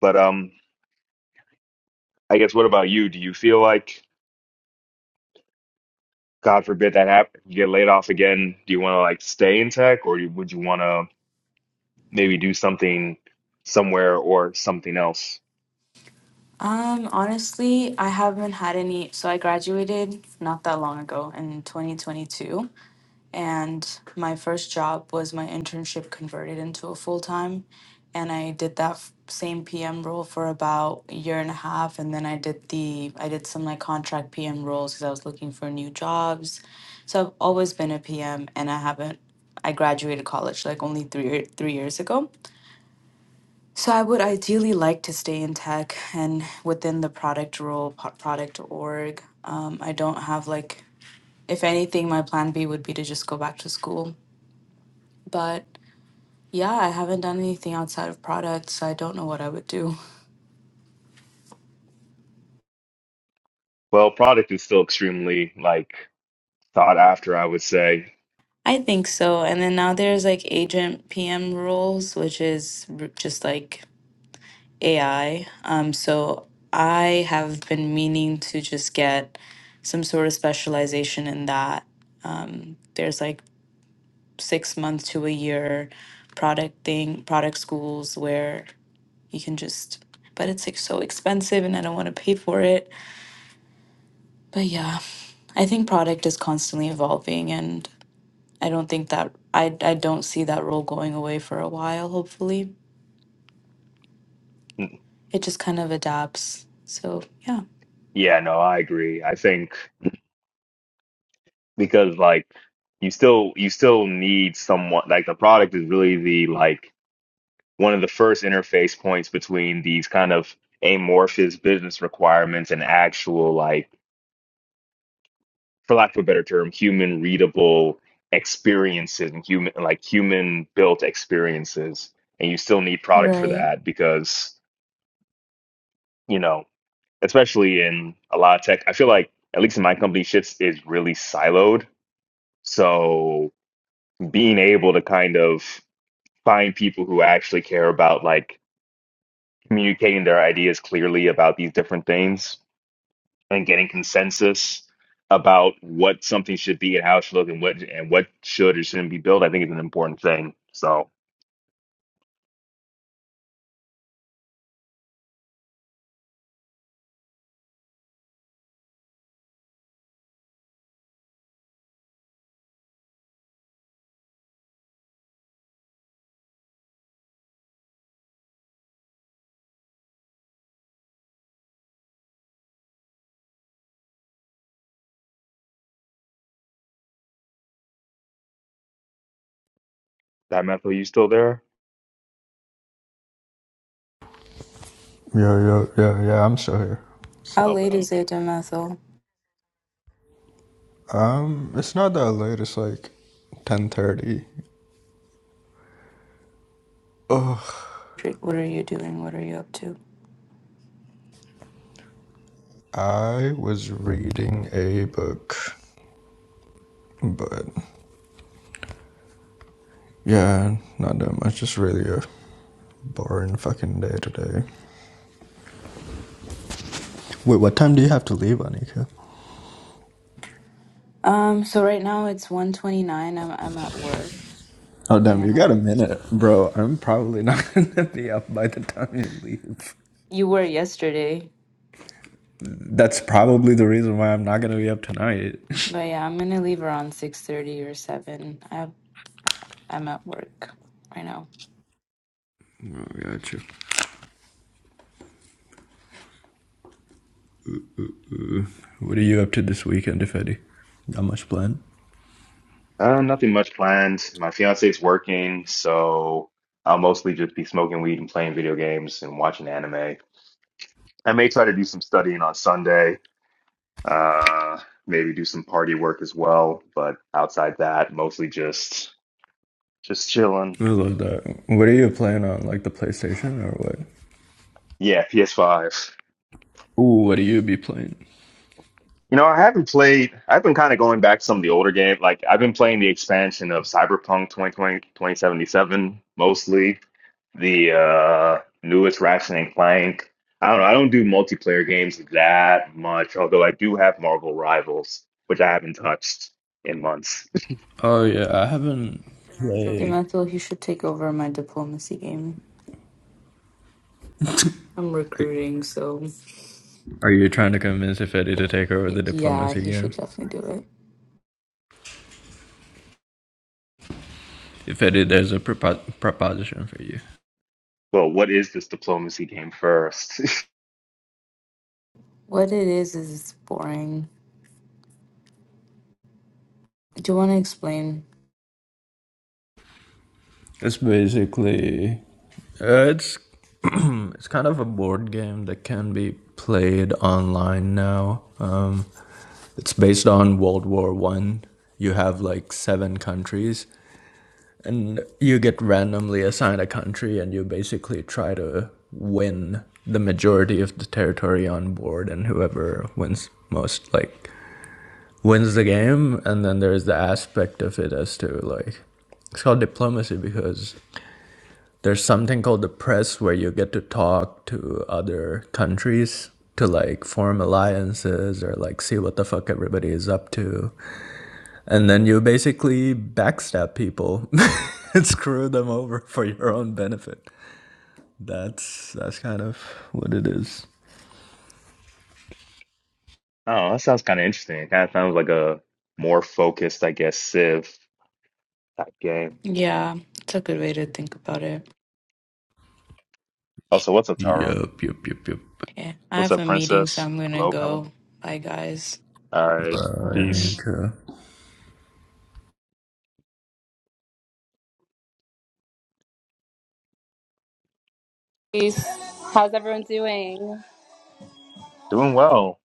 Speaker 1: But um, I guess what about you? Do you feel like, God forbid that happen, you get laid off again, do you want to like stay in tech or do- would you want to maybe do something somewhere or something else?
Speaker 4: Um, honestly, I haven't had any. So I graduated not that long ago in 2022. And my first job was my internship converted into a full time. And I did that f- same PM role for about a year and a half. And then I did the, I did some like contract PM roles because I was looking for new jobs. So I've always been a PM and I haven't, I graduated college like only three, year- three years ago. So I would ideally like to stay in tech and within the product role, po- product org. Um, I don't have like, if anything, my plan B would be to just go back to school but yeah, I haven't done anything outside of products. so I don't know what I would do.
Speaker 1: Well, product is still extremely like sought after, I would say.
Speaker 4: I think so. And then now there's like agent PM roles, which is r- just like AI. Um, so I have been meaning to just get some sort of specialization in that. There's like six months to a year product thing, product schools where you can just, but it's like so expensive and I don't want to pay for it. But yeah. I think product is constantly evolving and I don't think that I I don't see that role going away for a while, hopefully.
Speaker 1: N-
Speaker 4: It just kind of adapts. So yeah.
Speaker 1: Yeah, no, I agree. I think because like you still you still need someone like the product is really the like one of the first interface points between these kind of amorphous business requirements and actual like for lack of a better term, human readable experiences and human like human built experiences. And you still need product for
Speaker 4: Right.
Speaker 1: that because, you know, especially in a lot of tech. I feel like, at least in my company, shit is really siloed. So being able to kind of find people who actually care about like communicating their ideas clearly about these different things and getting consensus about what something should be and how it should look and what and what should or shouldn't be built, I think is an important thing. So, that Matthew, you still there?
Speaker 3: Yeah, yeah, yeah, yeah, I'm still here. So,
Speaker 4: How late
Speaker 1: Oh,
Speaker 4: is it in Ethel?
Speaker 3: um, it's not that late, it's like 10.30
Speaker 4: Dr- What are you doing? What are you up to?
Speaker 3: I was reading a book, but yeah, not that much. Just really a boring fucking day today. Wait, what time do you have to leave, Anika?
Speaker 4: Um, so right now it's 129. I'm I'm at work
Speaker 3: Oh damn, you
Speaker 4: and
Speaker 3: got a
Speaker 4: um,
Speaker 3: minute, bro. I'm probably not gonna be up by the time you leave.
Speaker 4: you were yesterday.
Speaker 3: That's probably the reason why I'm not gonna be up tonight.
Speaker 4: But yeah, I'm gonna leave around six thirty or seven. I I'm at work right now.
Speaker 3: oh, got you. What are you up to this weekend, if any? Not much planned.
Speaker 1: Uh, nothing much planned. My fiance's working, so I'll mostly just be smoking weed and playing video games and watching anime. I may try to do some studying on Sunday, uh, maybe do some party work as well, but outside that, mostly just just chilling.
Speaker 3: I love that. What are you playing on, like the PlayStation or what?
Speaker 1: Yeah, PS5.
Speaker 3: Ooh, what do you be playing?
Speaker 1: You know, I haven't played, I've been kind of going back to some of the older games. Like, I've been playing the expansion of Cyberpunk 2020 2077 mostly. the uh newest Ratchet and Clank. I don't know. I don't do multiplayer games that much, although I do have Marvel Rivals, which I haven't touched in months.
Speaker 3: Oh yeah, I haven't played. Are-
Speaker 4: Demethyl, he should take over my diplomacy game. I'm recruiting, so
Speaker 3: Are you trying to convince Ifedi to take over
Speaker 4: y-
Speaker 3: the
Speaker 4: yeah,
Speaker 3: diplomacy
Speaker 4: he
Speaker 3: game?
Speaker 4: should definitely do it.
Speaker 3: Ifedi, there's a propo- proposition for you.
Speaker 1: Well, what is this diplomacy game first?
Speaker 4: What it is is it's boring. Do you want to explain?
Speaker 3: It's basically uh, it's it's kind of a board game that can be played online now. Um, it's based on World War One. You have like seven countries, and you get randomly assigned a country and you basically try to win the majority of the territory on board and whoever wins most like wins the game and then there's the aspect of it as to like it's called diplomacy because there's something called the press where you get to talk to other countries to like form alliances or like see what the fuck everybody is up to and then you basically backstab people and screw them over for your own benefit. That's that's kind of what it is.
Speaker 1: Oh, that sounds kind of interesting. It kind of sounds like a more focused, I guess, Civ type game.
Speaker 4: Yeah, it's a good way to think about it.
Speaker 1: Also, what's up, Taro?
Speaker 3: Yup, yup, yup, yup.
Speaker 4: Yeah, I
Speaker 1: What's
Speaker 4: have
Speaker 1: up,
Speaker 4: a meeting, so
Speaker 1: Princess?
Speaker 4: I'm gonna
Speaker 1: Hello, Colin.
Speaker 4: go. Bye, guys.
Speaker 1: All right,
Speaker 4: Bye.
Speaker 1: peace.
Speaker 3: Veronica.
Speaker 6: How's everyone doing?
Speaker 1: Doing well.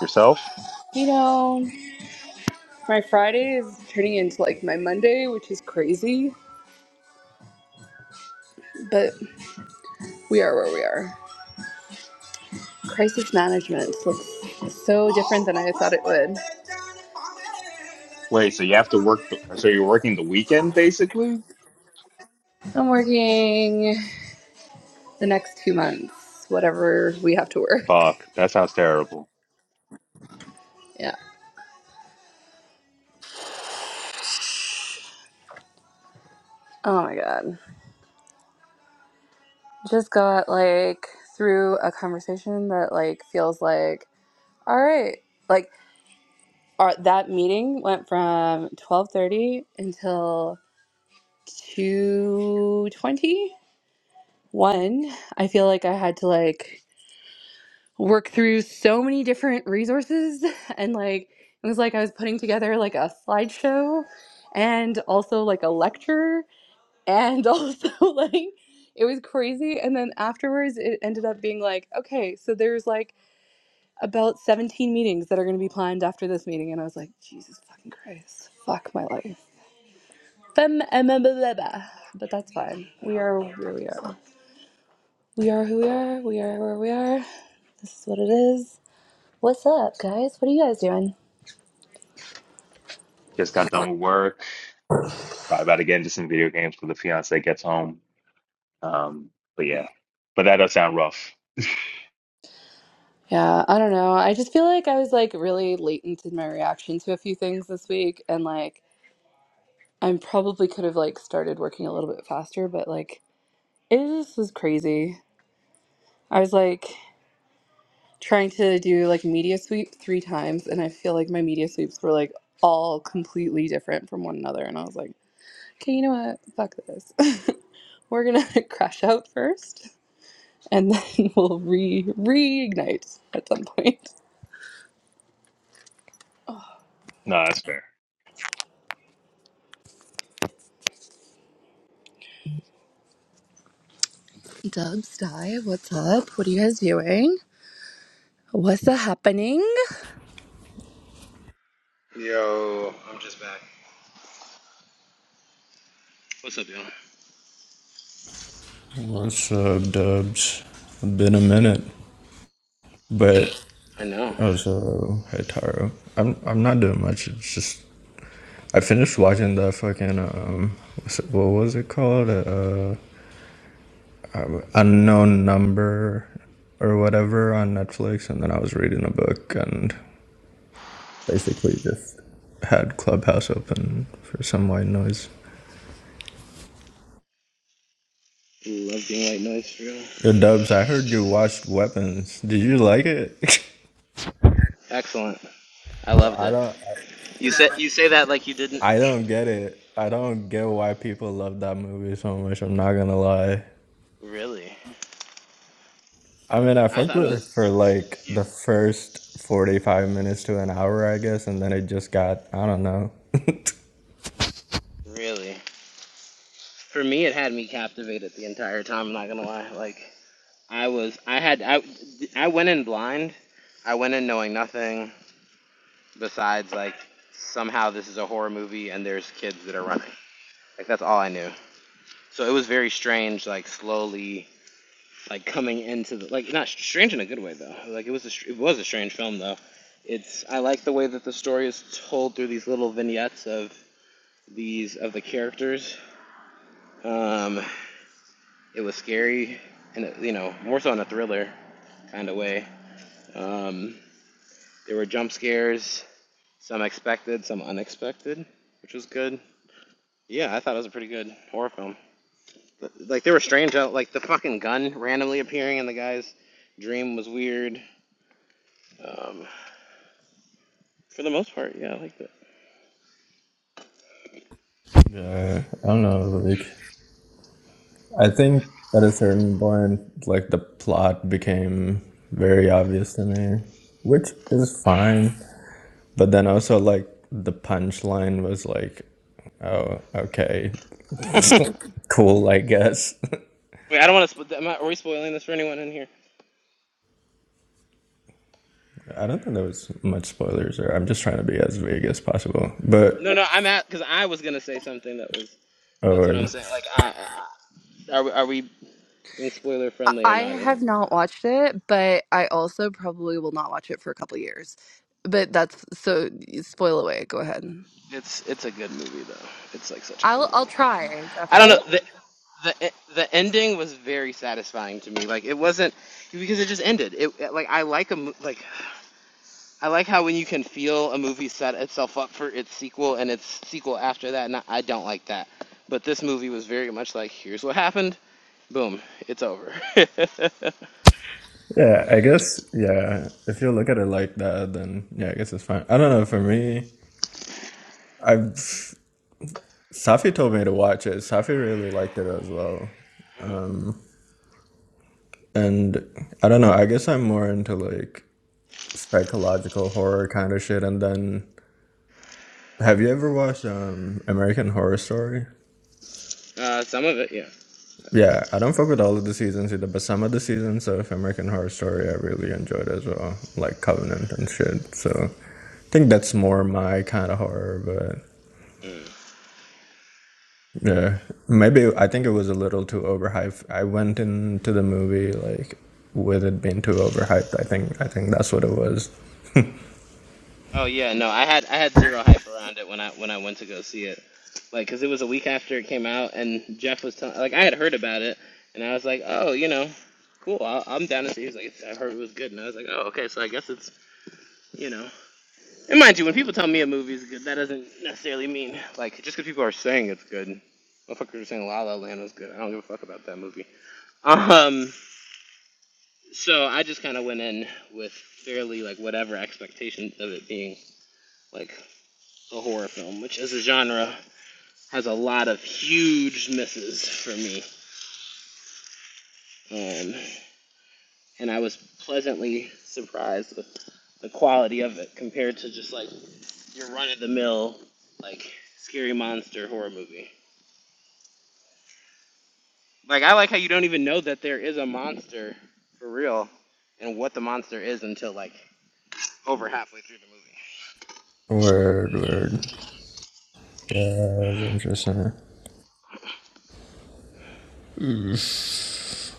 Speaker 1: Yourself?
Speaker 6: You know, my Friday is turning into like my Monday, which is crazy, but we are where we are. Crisis management looks so different than I thought it would.
Speaker 1: Wait, so you have to work, the, so you're working the weekend basically?
Speaker 6: I'm working the next two months, whatever we have to work.
Speaker 1: Fuck, that sounds terrible.
Speaker 6: Yeah. Oh my God. Just got like through a conversation that like feels like, all right, like our, that meeting went from 12:30 until 221 i feel like i had to like work through so many different resources and like it was like i was putting together like a slideshow and also like a lecture and also like it was crazy and then afterwards it ended up being like okay so there's like about 17 meetings that are going to be planned after this meeting and i was like jesus fucking christ fuck my life Fem- em- em- em- em- em. but that's fine we are where we are We are who we are. We are where we are. This is what it is. What's up, guys? What are you guys doing?
Speaker 1: Just got done with work. Probably about to get into some video games when the fiance gets home. Um, but yeah, but that does sound rough.
Speaker 6: Yeah, I don't know. I just feel like I was like really latent in my reaction to a few things this week, and like I probably could have like started working a little bit faster, but like it just was crazy. I was like trying to do like media sweep three times, and I feel like my media sweeps were like all completely different from one another, and I was like, okay, you know what? Fuck this. We're gonna crash out first. and then we'll re reignite at some point.
Speaker 1: No, that's fair.
Speaker 6: Doug, Sty, what's up? What are you guys doing? What's a happening?
Speaker 2: Yo, I'm just back. What's up, y'all?
Speaker 3: What's up, Dubs? Been a minute, but
Speaker 2: I know.
Speaker 3: also hey Taro. I'm I'm not doing much. It's just I finished watching that fucking um, what's it, what was it called? Uh, unknown number or whatever on Netflix, and then I was reading a book, and basically just had Clubhouse open for some white noise.
Speaker 2: Love being white noise for real.
Speaker 3: Yo, Dubs, I heard you watched Weapons. Did you like it?
Speaker 2: Excellent. I
Speaker 3: Bro,
Speaker 2: loved
Speaker 3: I
Speaker 2: it.
Speaker 3: don't. I
Speaker 2: You said you say that like you didn't
Speaker 3: I don't get it. I don't get why people love that movie so much. I'm not gonna lie.
Speaker 2: really.
Speaker 3: I mean, I
Speaker 2: I
Speaker 3: fucked
Speaker 2: thought it
Speaker 3: with it for
Speaker 2: was
Speaker 3: like the first 45 minutes to an hour, I guess, and then it just got. I don't know.
Speaker 2: really. For me, it had me captivated the entire time. I'm not gonna lie. Like I was I had I I went in blind. I went in knowing nothing besides like somehow this is a horror movie and there's kids that are running. Like that's all I knew. So it was very strange like slowly like coming into the like not str- strange in a good way though. Like it was a, str- it was a strange film though. It's I like the way that the story is told through these little vignettes of these of the characters. Um it was scary and you know more so in a thriller kind of way. Um, there were jump scares. Some expected, some unexpected, which was good. Yeah, I thought it was a pretty good horror film. Like they were strange. uh, Like the fucking gun randomly appearing in the guy's dream was weird. Um, for the most part, yeah, I liked it.
Speaker 3: yeah, I don't know. Like, I think at a certain point, like the plot became very obvious to me, which is fine. But then also, like, the punchline was like, oh, okay, cool, I guess.
Speaker 2: Wait, I don't want to. Spo- am I, are we spoiling this for anyone in here?
Speaker 3: I don't think there was much spoilers, or I'm just trying to be as vague as possible.
Speaker 2: No,
Speaker 3: But,
Speaker 2: no, I'm at because I was gonna say something that was. That's what I'm
Speaker 3: or,
Speaker 2: saying. Like, I, I, are we, are we being spoiler
Speaker 6: I
Speaker 2: friendly or
Speaker 6: I
Speaker 2: not? in here?
Speaker 6: have not watched it, but I also probably will not watch it for a couple years. But that's so spoil away. Go ahead.
Speaker 2: It's it's a good movie though. It's like such a good
Speaker 6: I'll I'll
Speaker 2: movie.
Speaker 6: try
Speaker 2: I don't
Speaker 6: definitely.
Speaker 2: know. The, the e- the ending was very satisfying to me. Like it wasn't because it just ended. It like I like a mo- like I like how when you can feel a movie set itself up for its sequel and its sequel after that. And I I don't like that. But this movie was very much like here's what happened. Boom, it's over. uh,
Speaker 3: yeah, I guess, yeah, if you look at it like that, then yeah, I guess it's fine. I don't know, for me, I've, Safi told me to watch it. Safi really liked it as well. Um, And I don't know, I guess I'm more into like psychological horror kind of shit. And then have you ever watched um American Horror Story?
Speaker 2: some of it, yeah.
Speaker 3: Yeah, I don't fuck with all of the seasons either, but some of the seasons of American Horror Story I really enjoyed as well, like Covenant and shit. So I think that's more my kind of horror, but
Speaker 2: Mm.
Speaker 3: yeah, maybe I think it was a little too overhyped. I went into the movie like with it being too overhyped. I think I think that's what it was.
Speaker 2: Oh yeah, no, I had I had zero hype around it when I when I went to go see it, like because it was a week after it came out, and Jeff was telling like I had heard about it, and I was like, oh, you know, cool, I'll, I'm down to see. He was like, "It's- I heard it was good, and I was like, oh, okay, so I guess it's you know. And mind you, when people tell me a movie's good, that doesn't necessarily mean like just because people are saying it's good. Motherfuckers are saying La La Land was good. I don't give a fuck about that movie. Um, so I just kind of went in with fairly like whatever expectations of it being like a horror film, which as a genre has a lot of huge misses for me. Um, and I was pleasantly surprised with the quality of it compared to just like your run of the mill, like scary monster horror movie. Like I like how you don't even know that there is a monster for real and what the monster is until like over halfway through the movie.
Speaker 3: Word, word. Yeah, that's interesting. Mm.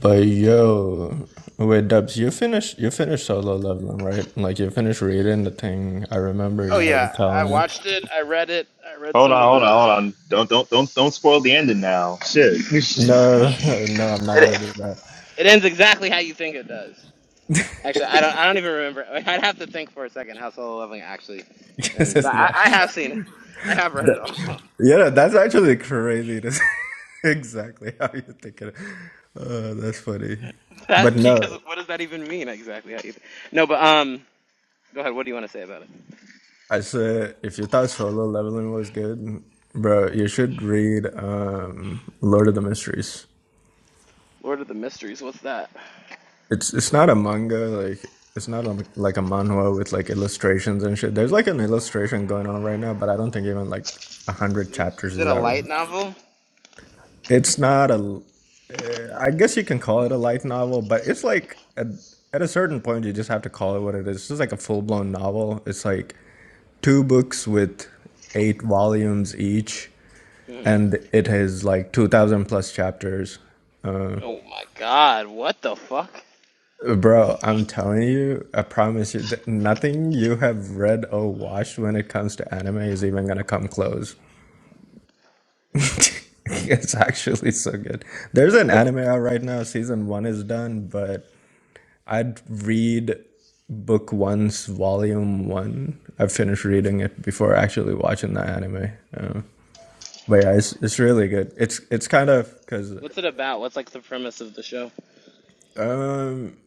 Speaker 3: But yo, wait, Dubs, you finished you finished solo leveling, right? Like you finished reading the thing. I remember
Speaker 2: Oh
Speaker 3: you
Speaker 2: yeah,
Speaker 3: were
Speaker 2: I
Speaker 3: telling me.
Speaker 2: watched it. I read it. I read
Speaker 1: Hold
Speaker 2: some
Speaker 1: on,
Speaker 2: of
Speaker 1: hold on,
Speaker 2: the.
Speaker 1: hold on. Don't, don't, don't, don't spoil the ending now. Shit.
Speaker 3: No, no, I'm not gonna
Speaker 2: It,
Speaker 3: do that.
Speaker 2: it ends exactly how you think it does. Actually, I don't. I don't even remember. I'd have to think for a second how solo leveling actually
Speaker 3: This
Speaker 2: ends. But
Speaker 3: is
Speaker 2: I, I
Speaker 3: actually-
Speaker 2: have seen it. I have read it all.
Speaker 3: that- yeah, that's actually crazy. That's exactly how you're thinking. Uh, that's funny.
Speaker 2: that
Speaker 3: But
Speaker 2: because
Speaker 3: no,
Speaker 2: what does that even mean exactly? How you, no, but um, go ahead. What do you want to say about it?
Speaker 3: I said if you thought solo leveling was good, bro, you should read um, Lord of the Mysteries.
Speaker 2: Lord of the Mysteries. What's that?
Speaker 3: It's it's not a manga like it's not a, like a manhwa with like illustrations and shit. There's like an illustration going on right now, but I don't think even like a hundred
Speaker 2: Is it
Speaker 3: chapters
Speaker 2: is
Speaker 3: is
Speaker 2: it a
Speaker 3: out right. now.
Speaker 2: light novel?
Speaker 3: It's not a. eh, I guess you can call it a light novel, but it's like at, at a certain point you just have to call it what it is. It's just like a full blown novel. It's like two books with eight volumes each,
Speaker 2: Mhm.
Speaker 3: and it has like two thousand plus chapters. Uh,
Speaker 2: Oh my God! What the fuck?
Speaker 3: Bro, I'm telling you, I promise you that nothing you have read or watched when it comes to anime is even gonna come close. it's actually so good. There's
Speaker 2: What's
Speaker 3: an
Speaker 2: the
Speaker 3: anime out right now, season one is done, but I'd read book one's volume one. I finished reading it before actually watching the anime. Uh, but yeah, it's, it's really good. It's it's kind of because
Speaker 2: What's it about? What's like the premise of the show?
Speaker 3: Um,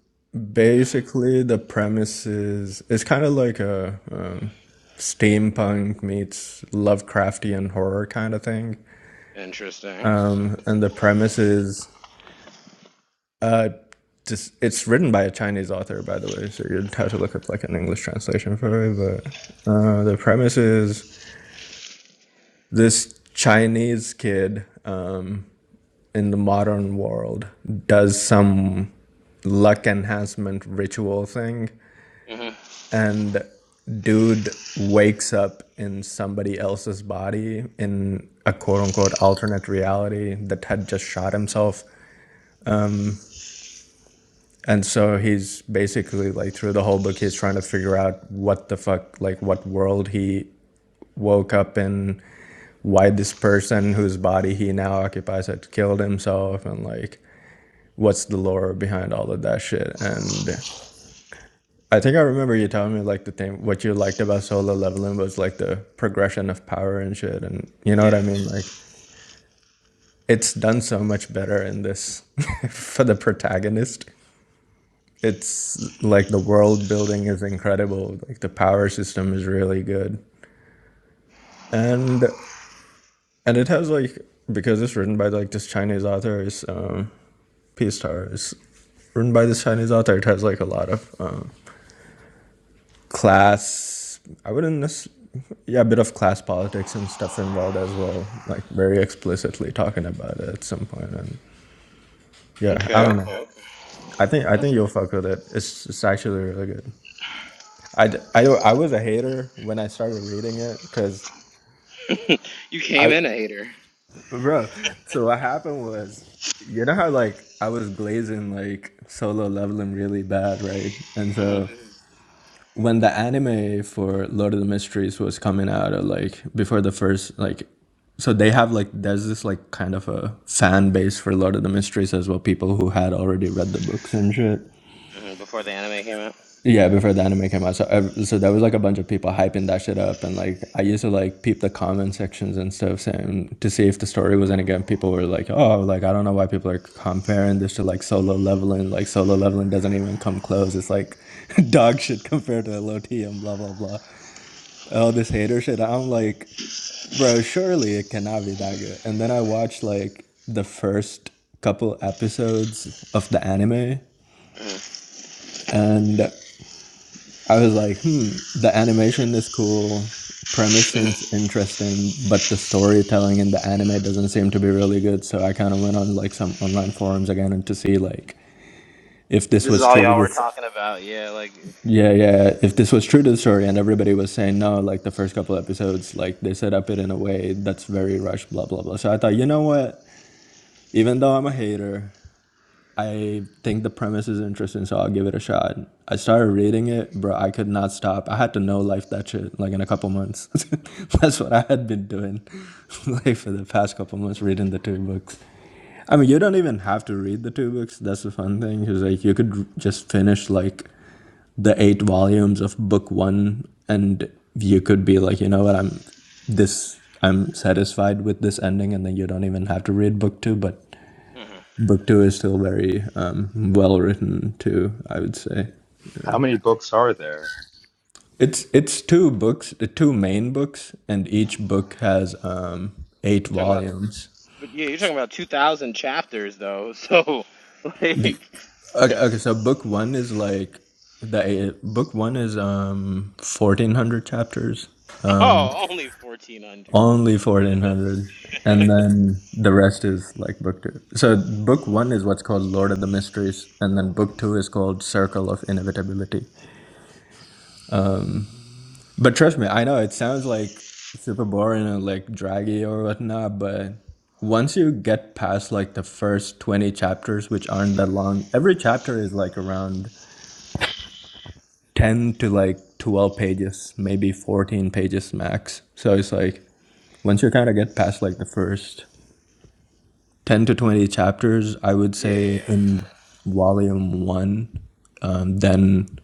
Speaker 3: basically, the premise is it's kind of like a um, steampunk meets Lovecraftian horror kind of thing.
Speaker 2: Interesting.
Speaker 3: Um, and the premise is uh, just it's written by a Chinese author, by the way, so you'd have to look up like an English translation for it. But uh, the premise is this Chinese kid um, in the modern world does some luck enhancement ritual thing
Speaker 2: hmm
Speaker 3: and dude wakes up in somebody else's body in a quote unquote alternate reality that had just shot himself. And so he's basically like through the whole book, he's trying to figure out what the fuck, like what world he woke up in, why this person whose body he now occupies had killed himself, and like what's the lore behind all of that shit. And I think I remember you telling me like the thing what you liked about solo leveling was like the progression of power and shit, and you know what I
Speaker 2: Yeah.
Speaker 3: mean. Like it's done so much better in this for the protagonist. It's like the world building is incredible. Like the power system is really good, and and it has like because it's written by like this Chinese author is um, P Star is written by this Chinese author. It has like a lot of uh, class i wouldn't necessarily yeah a bit of class politics and stuff involved as well like very explicitly talking about it at some point and yeah i
Speaker 2: Okay.
Speaker 3: don't know
Speaker 2: Okay.
Speaker 3: i think i think you'll fuck with it it's it's actually really good I I I was a hater when i started reading it because
Speaker 2: okay. you
Speaker 3: i
Speaker 2: came in a hater.
Speaker 3: bro so what happened was you know how like i was glazing like solo leveling really bad right and
Speaker 2: hmm
Speaker 3: so when the anime for Lord of the Mysteries was coming out, or like before the first like, so they have like there's this like kind of a fan base for Lord of the Mysteries as well, people who had already read the books and shit.
Speaker 2: hmm Before the anime came out.
Speaker 3: Yeah, before the anime came out, so ev- so there was like a bunch of people hyping that shit up, and like I used to like peep the comment sections and stuff, saying to see if the story was any good. And People were like, "Oh, like I don't know why people are comparing this to like Solo Leveling. Like Solo Leveling doesn't even come close. It's like dog shit compared to LOT and blah blah blah." all this hater shit. I'm like, bro, surely it cannot be that good. And then I watched like the first couple episodes of the anime, and I was like, hmm, the
Speaker 2: Mhm.
Speaker 3: animation is cool. Premise seems
Speaker 2: Mm-hmm.
Speaker 3: interesting, but the storytelling in the anime doesn't seem to be really good. So I kind of went on like some online forums again and to see like if this
Speaker 2: This is
Speaker 3: was
Speaker 2: all
Speaker 3: true to
Speaker 2: y'all were
Speaker 3: the
Speaker 2: talking about. Yeah, like
Speaker 3: Yeah, yeah. If this was true to the story and everybody was saying no, like the first couple episodes, like they set up it in a way that's very rushed, blah, blah, blah. So I thought, you know what? Even though I'm a hater, I think the premise is interesting, so I'll give it a shot. I started reading it, bro. I could not stop. I had to know life that shit like in a couple months. that's what I had been doing like for the past couple months, reading the two books. I mean, you don't even have to read the two books. That's the fun thing. Cause like you could just finish like the eight volumes of book one and you could be like you know what i'm this i'm satisfied with this ending and then you don't even have to read book two but
Speaker 2: Mm-hmm.
Speaker 3: book two is still very um, well written too i would say
Speaker 1: How many books are there?
Speaker 3: it's it's two books the two main books and each book has um eight
Speaker 2: you're talking about,
Speaker 3: volumes
Speaker 2: but yeah, you're talking about two thousand chapters though. So like,
Speaker 3: Y- okay, okay so book one is like the eh, book one is um 1400 chapters Um,
Speaker 2: oh, only fourteen hundred.
Speaker 3: Only 1400. And then the rest is like book two. So book one is what's called Lord of the Mysteries. And then book two is called Circle of Inevitability. But trust me, I know it sounds like super boring and like draggy or whatnot. But once you get past like the first 20 chapters, which aren't that long, every chapter is like around 10 to like 12 pages, maybe 14 pages max. So it's like once you kind of get past like the first 10 to 20 chapters, I would
Speaker 2: Yeah.
Speaker 3: say, in volume one. Um, then,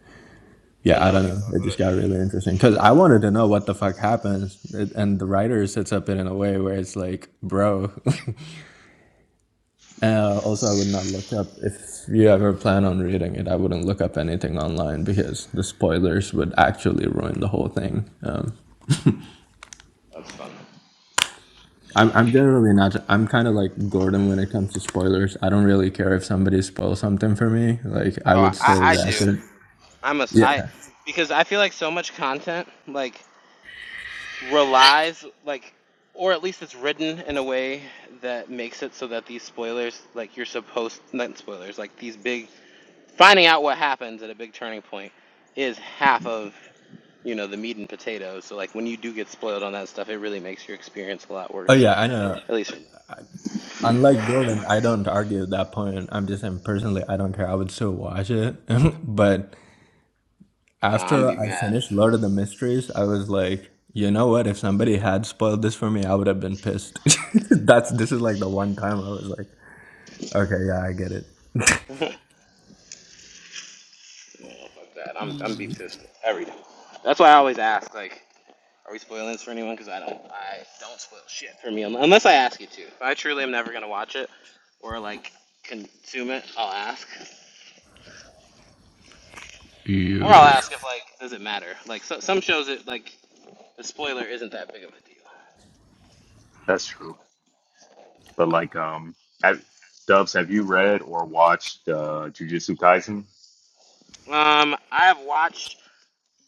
Speaker 2: You'll
Speaker 3: yeah, I
Speaker 2: know
Speaker 3: don't
Speaker 2: if you
Speaker 3: know.
Speaker 2: fuck
Speaker 3: It
Speaker 2: with
Speaker 3: just
Speaker 2: it.
Speaker 3: got really interesting because I wanted to know what the fuck happens. It, and the writer sets up it in a way where it's like, bro. uh, also, I would not look up, if you ever plan on reading it, I wouldn't look up anything online because the spoilers would actually ruin the whole thing. Um,
Speaker 2: That's fun.
Speaker 3: I'm, I'm generally not i'm kind of like gordon when it comes to spoilers i don't really care if somebody spoils something for me like i
Speaker 2: Oh,
Speaker 3: would
Speaker 2: I,
Speaker 3: still
Speaker 2: I
Speaker 3: watch
Speaker 2: do.
Speaker 3: it
Speaker 2: I must. I
Speaker 3: Yeah.
Speaker 2: because I feel like so much content like relies like, or at least it's written in a way that makes it so that these spoilers like you're supposed not spoilers like these big finding out what happens at a big turning point is half of you know the meat and potatoes. So like when you do get spoiled on that stuff, it really makes your experience a lot
Speaker 3: Oh
Speaker 2: worse.
Speaker 3: yeah, I know.
Speaker 2: At least
Speaker 3: Unlike Gordon, I don't argue that point. I'm just saying personally, I don't care. I would still watch it. but
Speaker 2: Nah, I'm
Speaker 3: after
Speaker 2: be
Speaker 3: I
Speaker 2: mad.
Speaker 3: finished Lord of the Mysteries, I was like, you know what? If somebody had spoiled this for me, I would have been pissed. That's this is like the one time I was like, okay, yeah, I get it.
Speaker 2: Yeah, fuck that. I'm I'm be pissed every time. That's why I always ask like. Are we spoiling this for anyone? Because I don't, I don't spoil shit for me unless I ask you to. If I truly am never gonna watch it or like consume it, I'll ask. Or I'll
Speaker 3: you
Speaker 2: ask if like, does it matter? Like so, some shows, it like the spoiler isn't that big of a deal.
Speaker 1: That's true. But like, um, have, Dubs, have you read or watched uh, Jujutsu Kaisen?
Speaker 2: Um, I have watched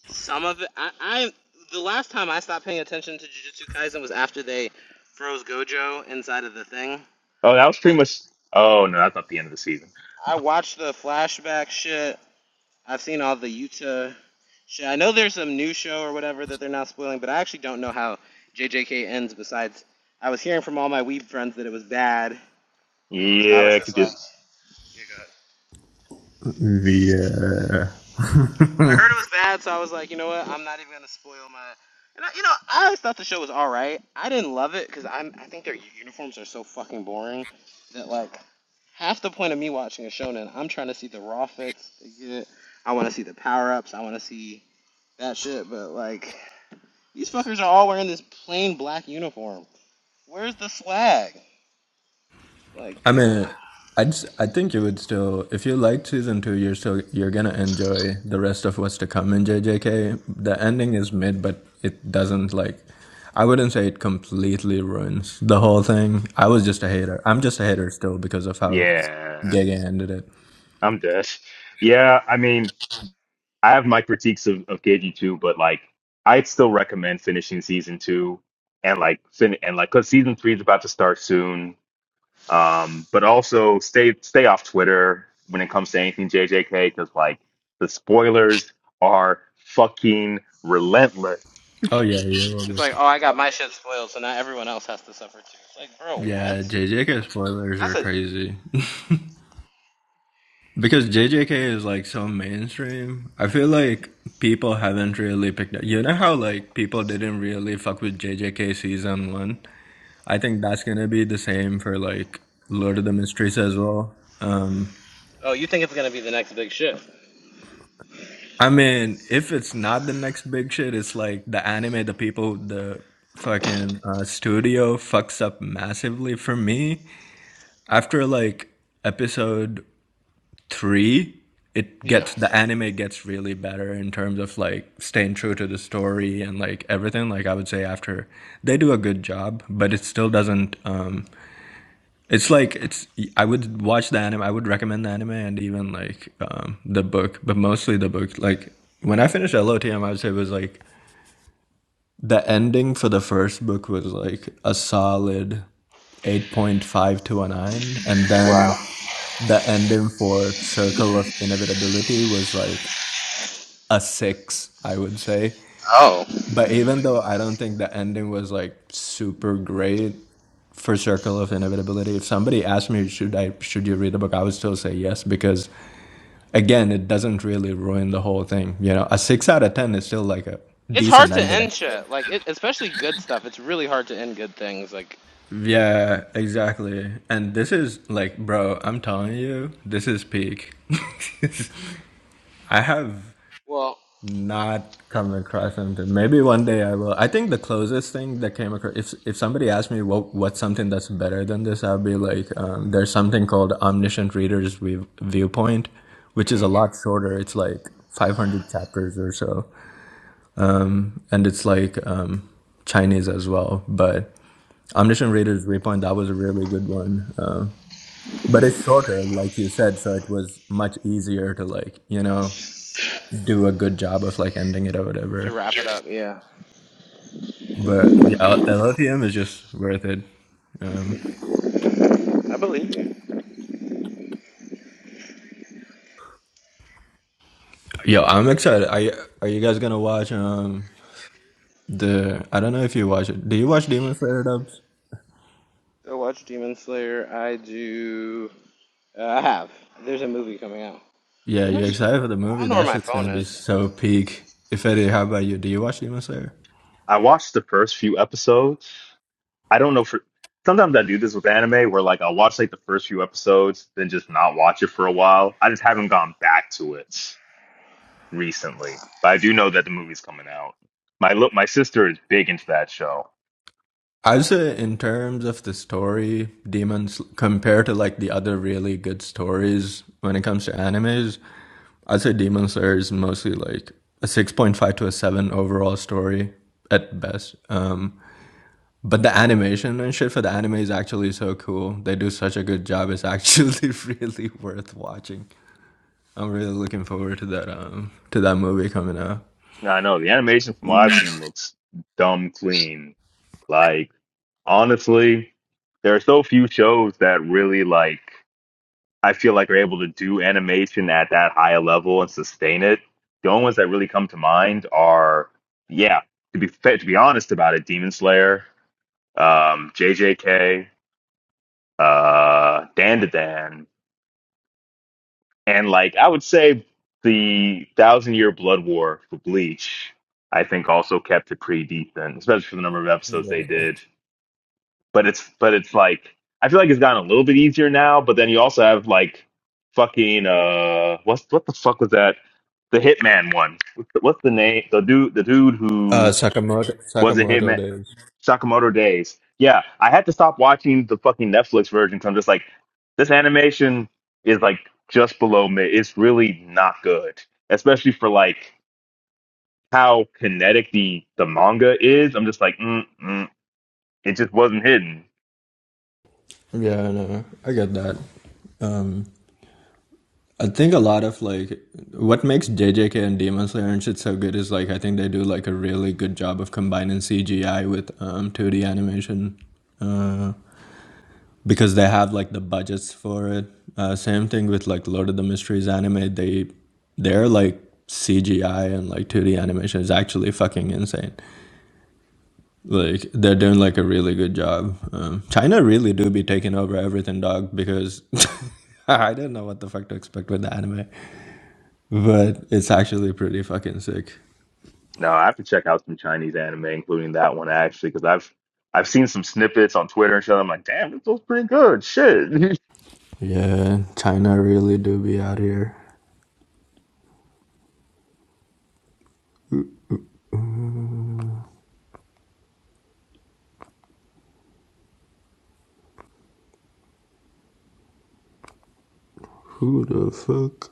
Speaker 2: some of it. I, I the last time I stopped paying attention to Jujutsu Kaisen was after they froze Gojo inside of the thing.
Speaker 1: Oh, that was
Speaker 2: Like
Speaker 1: pretty much. Oh no, that's not the end of the season.
Speaker 2: I watched the flashback shit. I've seen all the Yuta shit. I know there's some new show or whatever that they're not spoiling, but I actually don't know how JJK ends. Besides, I was hearing from all my weeb friends that it was bad, so I was
Speaker 1: Yeah,
Speaker 2: just
Speaker 1: could you,
Speaker 2: like, "Here you go."
Speaker 3: Yeah.
Speaker 2: I heard it was bad, so I was like, you know what? I'm not even gonna spoil my. And I, you know, I always thought the show was all right. I didn't love it because I'm. I think their uniforms are so fucking boring that like half the point of me watching a shonen, I'm trying to see the raw fits they get. I want to see the power ups. I want to see that shit. But like, these fuckers are all wearing this plain black uniform. Where's the swag? Like,
Speaker 3: I
Speaker 2: ugh.
Speaker 3: mean, I just, I think you would still, if you liked season two, you're still you're gonna enjoy the rest of what's to come in JJK. The ending is mid, but it doesn't like. I wouldn't say it completely ruins the whole thing. I was just a hater. I'm just a hater still because of how
Speaker 1: yeah.
Speaker 3: Gege ended it.
Speaker 1: I'm dead. Yeah, I mean. I have my critiques of, of KG2, but like I'd still recommend finishing season two and like fin- and like cause season three is about to start soon. Um, but also stay stay off Twitter when it comes to anything JJK because like the spoilers are fucking relentless.
Speaker 3: Oh yeah, yeah,
Speaker 2: it's like, oh, I got my shit spoiled, so now everyone else has to suffer too. It's like, bro, what?
Speaker 3: yeah. JJK spoilers are
Speaker 2: That's a.
Speaker 3: crazy. Because JJK is like so mainstream, I feel like people haven't really picked up. You know how like people didn't really fuck with JJK season one. I think that's gonna be the same for like Lord of the Mysteries as well. Um,
Speaker 2: Oh, you think it's gonna be the next big shit?
Speaker 3: I mean, if it's not the next big shit, it's like the anime, the people, the fucking uh, studio fucks up massively for me after like episode three, it
Speaker 2: Yeah.
Speaker 3: gets the anime gets really better in terms of like staying true to the story and like everything. Like I would say after they do a good job, but it still doesn't. Um, it's like it's. I would watch the anime. I would recommend the anime and even like um, the book, but mostly the book. Like when I finished LOTM, I would say it was like the ending for the first book was like a solid 8.5 to a 9 and
Speaker 2: Wow.
Speaker 3: then the ending for circle of inevitability was like a six, I would say.
Speaker 2: Oh.
Speaker 3: But even though I don't think the ending was like super great for Circle of Inevitability, if somebody asked me should I should you read the book, I would still say yes because again, it doesn't really ruin the whole thing. You know, a six out of ten is still like a
Speaker 2: It's
Speaker 3: decent
Speaker 2: hard to
Speaker 3: ending.
Speaker 2: end shit. Like, it, especially good stuff. It's really hard to end good things. Like,
Speaker 3: Yeah, exactly. And this is like, bro, I'm telling you, this is peak. I have
Speaker 2: well,
Speaker 3: not come across something. Maybe one day I will. I think the closest thing that came across, if if somebody asked me what what's something that's better than this, I'd be like, um, there's something called Omniscient Reader's View- Viewpoint, which is a
Speaker 2: mhm.
Speaker 3: lot shorter. It's like 500 chapters or so, and it's like um, Chinese as well. But Omniscient Reader's Viewpoint that was a really good one, uh, but it's shorter, like you said, so it was much easier to like you know do a good job of like ending it or whatever.
Speaker 2: to wrap it up, yeah.
Speaker 3: But yeah, LFTM is just worth it. Um,
Speaker 2: I believe you.
Speaker 3: Yo, I'm excited. Are you, are you guys gonna watch um the I don't know if you watch it. Do you watch Demon Slayer dubs?
Speaker 2: Go watch Demon Slayer. I do. Uh, I have. There's a movie coming out.
Speaker 3: Yeah, you
Speaker 2: Where's. I
Speaker 3: excited for the movie?
Speaker 2: don't know where
Speaker 3: That
Speaker 2: my
Speaker 3: shit's gonna
Speaker 2: phone
Speaker 3: be
Speaker 2: is.
Speaker 3: so peak. If Eddie, how about you? Do you watch Demon Slayer?
Speaker 1: I watched the first few episodes. I don't know for sometimes I do this with anime where like I'll watch like the first few episodes, then just not watch it for a while. I just haven't gone back to it. recently, but I do know that the movie's coming out. My look, my sister is big into that show.
Speaker 3: I'd say in terms of the story, Demon Sl- compared to like the other really good stories when it comes to animes, I'd say Demon Slayer is mostly like a 6.5 to a 7 overall story at best. Um But the animation and shit for the anime is actually so cool. They do such a good job. It's actually really worth watching. I'm really looking forward to that um to that movie coming out.
Speaker 1: And I know the animation from what I've seen looks dumb clean. Like honestly, there are so few shows that really like I feel like are able to do animation at that high a level and sustain it. The only ones that really come to mind are, yeah, to be fa- to be honest about it, Demon Slayer, um, JJK, uh, Dan to Dan, And like I would say the Thousand Year Blood War for Bleach, I think also kept it pretty deep, decent, especially for the number of episodes
Speaker 3: Yeah.
Speaker 1: they did. But it's but it's like I feel like it's gotten a little bit easier now, but then you also have like fucking uh what's what the fuck was that? The Hitman one. What's the, what's the name? The dude the dude who
Speaker 3: Uh, Sakamoto
Speaker 1: was it
Speaker 3: Sakamoto
Speaker 1: Hitman?
Speaker 3: days.
Speaker 1: Sakamoto Days. Yeah, I had to stop watching the fucking Netflix version. version. 'cause I'm just like, this animation is like just below mid. It's really not good, especially for like how kinetic the the manga is. I'm just like, mm, mm, it just wasn't hidden.
Speaker 3: Yeah, I know. I get that. Um, I think a lot of like what makes JJK and Demon Slayer and shit so good is like I think they do like a really good job of combining CGI with um 2D animation. Uh, because they have like the budgets for it. Uh, same thing with like Lord of the Mysteries anime. They their like CGI and like 2D animation is actually fucking insane. Like they're doing like a really good job. Um, China really do be taking over everything, dog. Because I didn't know what the fuck to expect with the anime, but it's actually pretty fucking sick.
Speaker 1: No, I have to check out some Chinese anime, including that one actually, because I've I've seen some snippets on Twitter and shit. I'm like, damn, this looks pretty good. Shit,
Speaker 3: Yeah, China really do be out here. Who the fuck?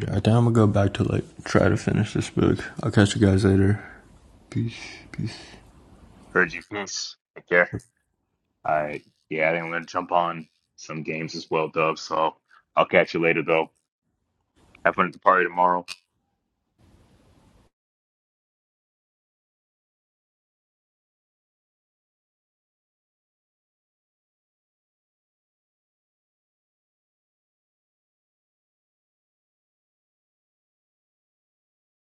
Speaker 3: Yeah, I think I'm gonna go back to like try to finish this book. I'll catch you guys later. peace, peace.
Speaker 1: heard you, peace. Take care. I yeah, I think I'm going to jump on some games as well, Dub. So I'll catch you later, though. Have fun at the party tomorrow.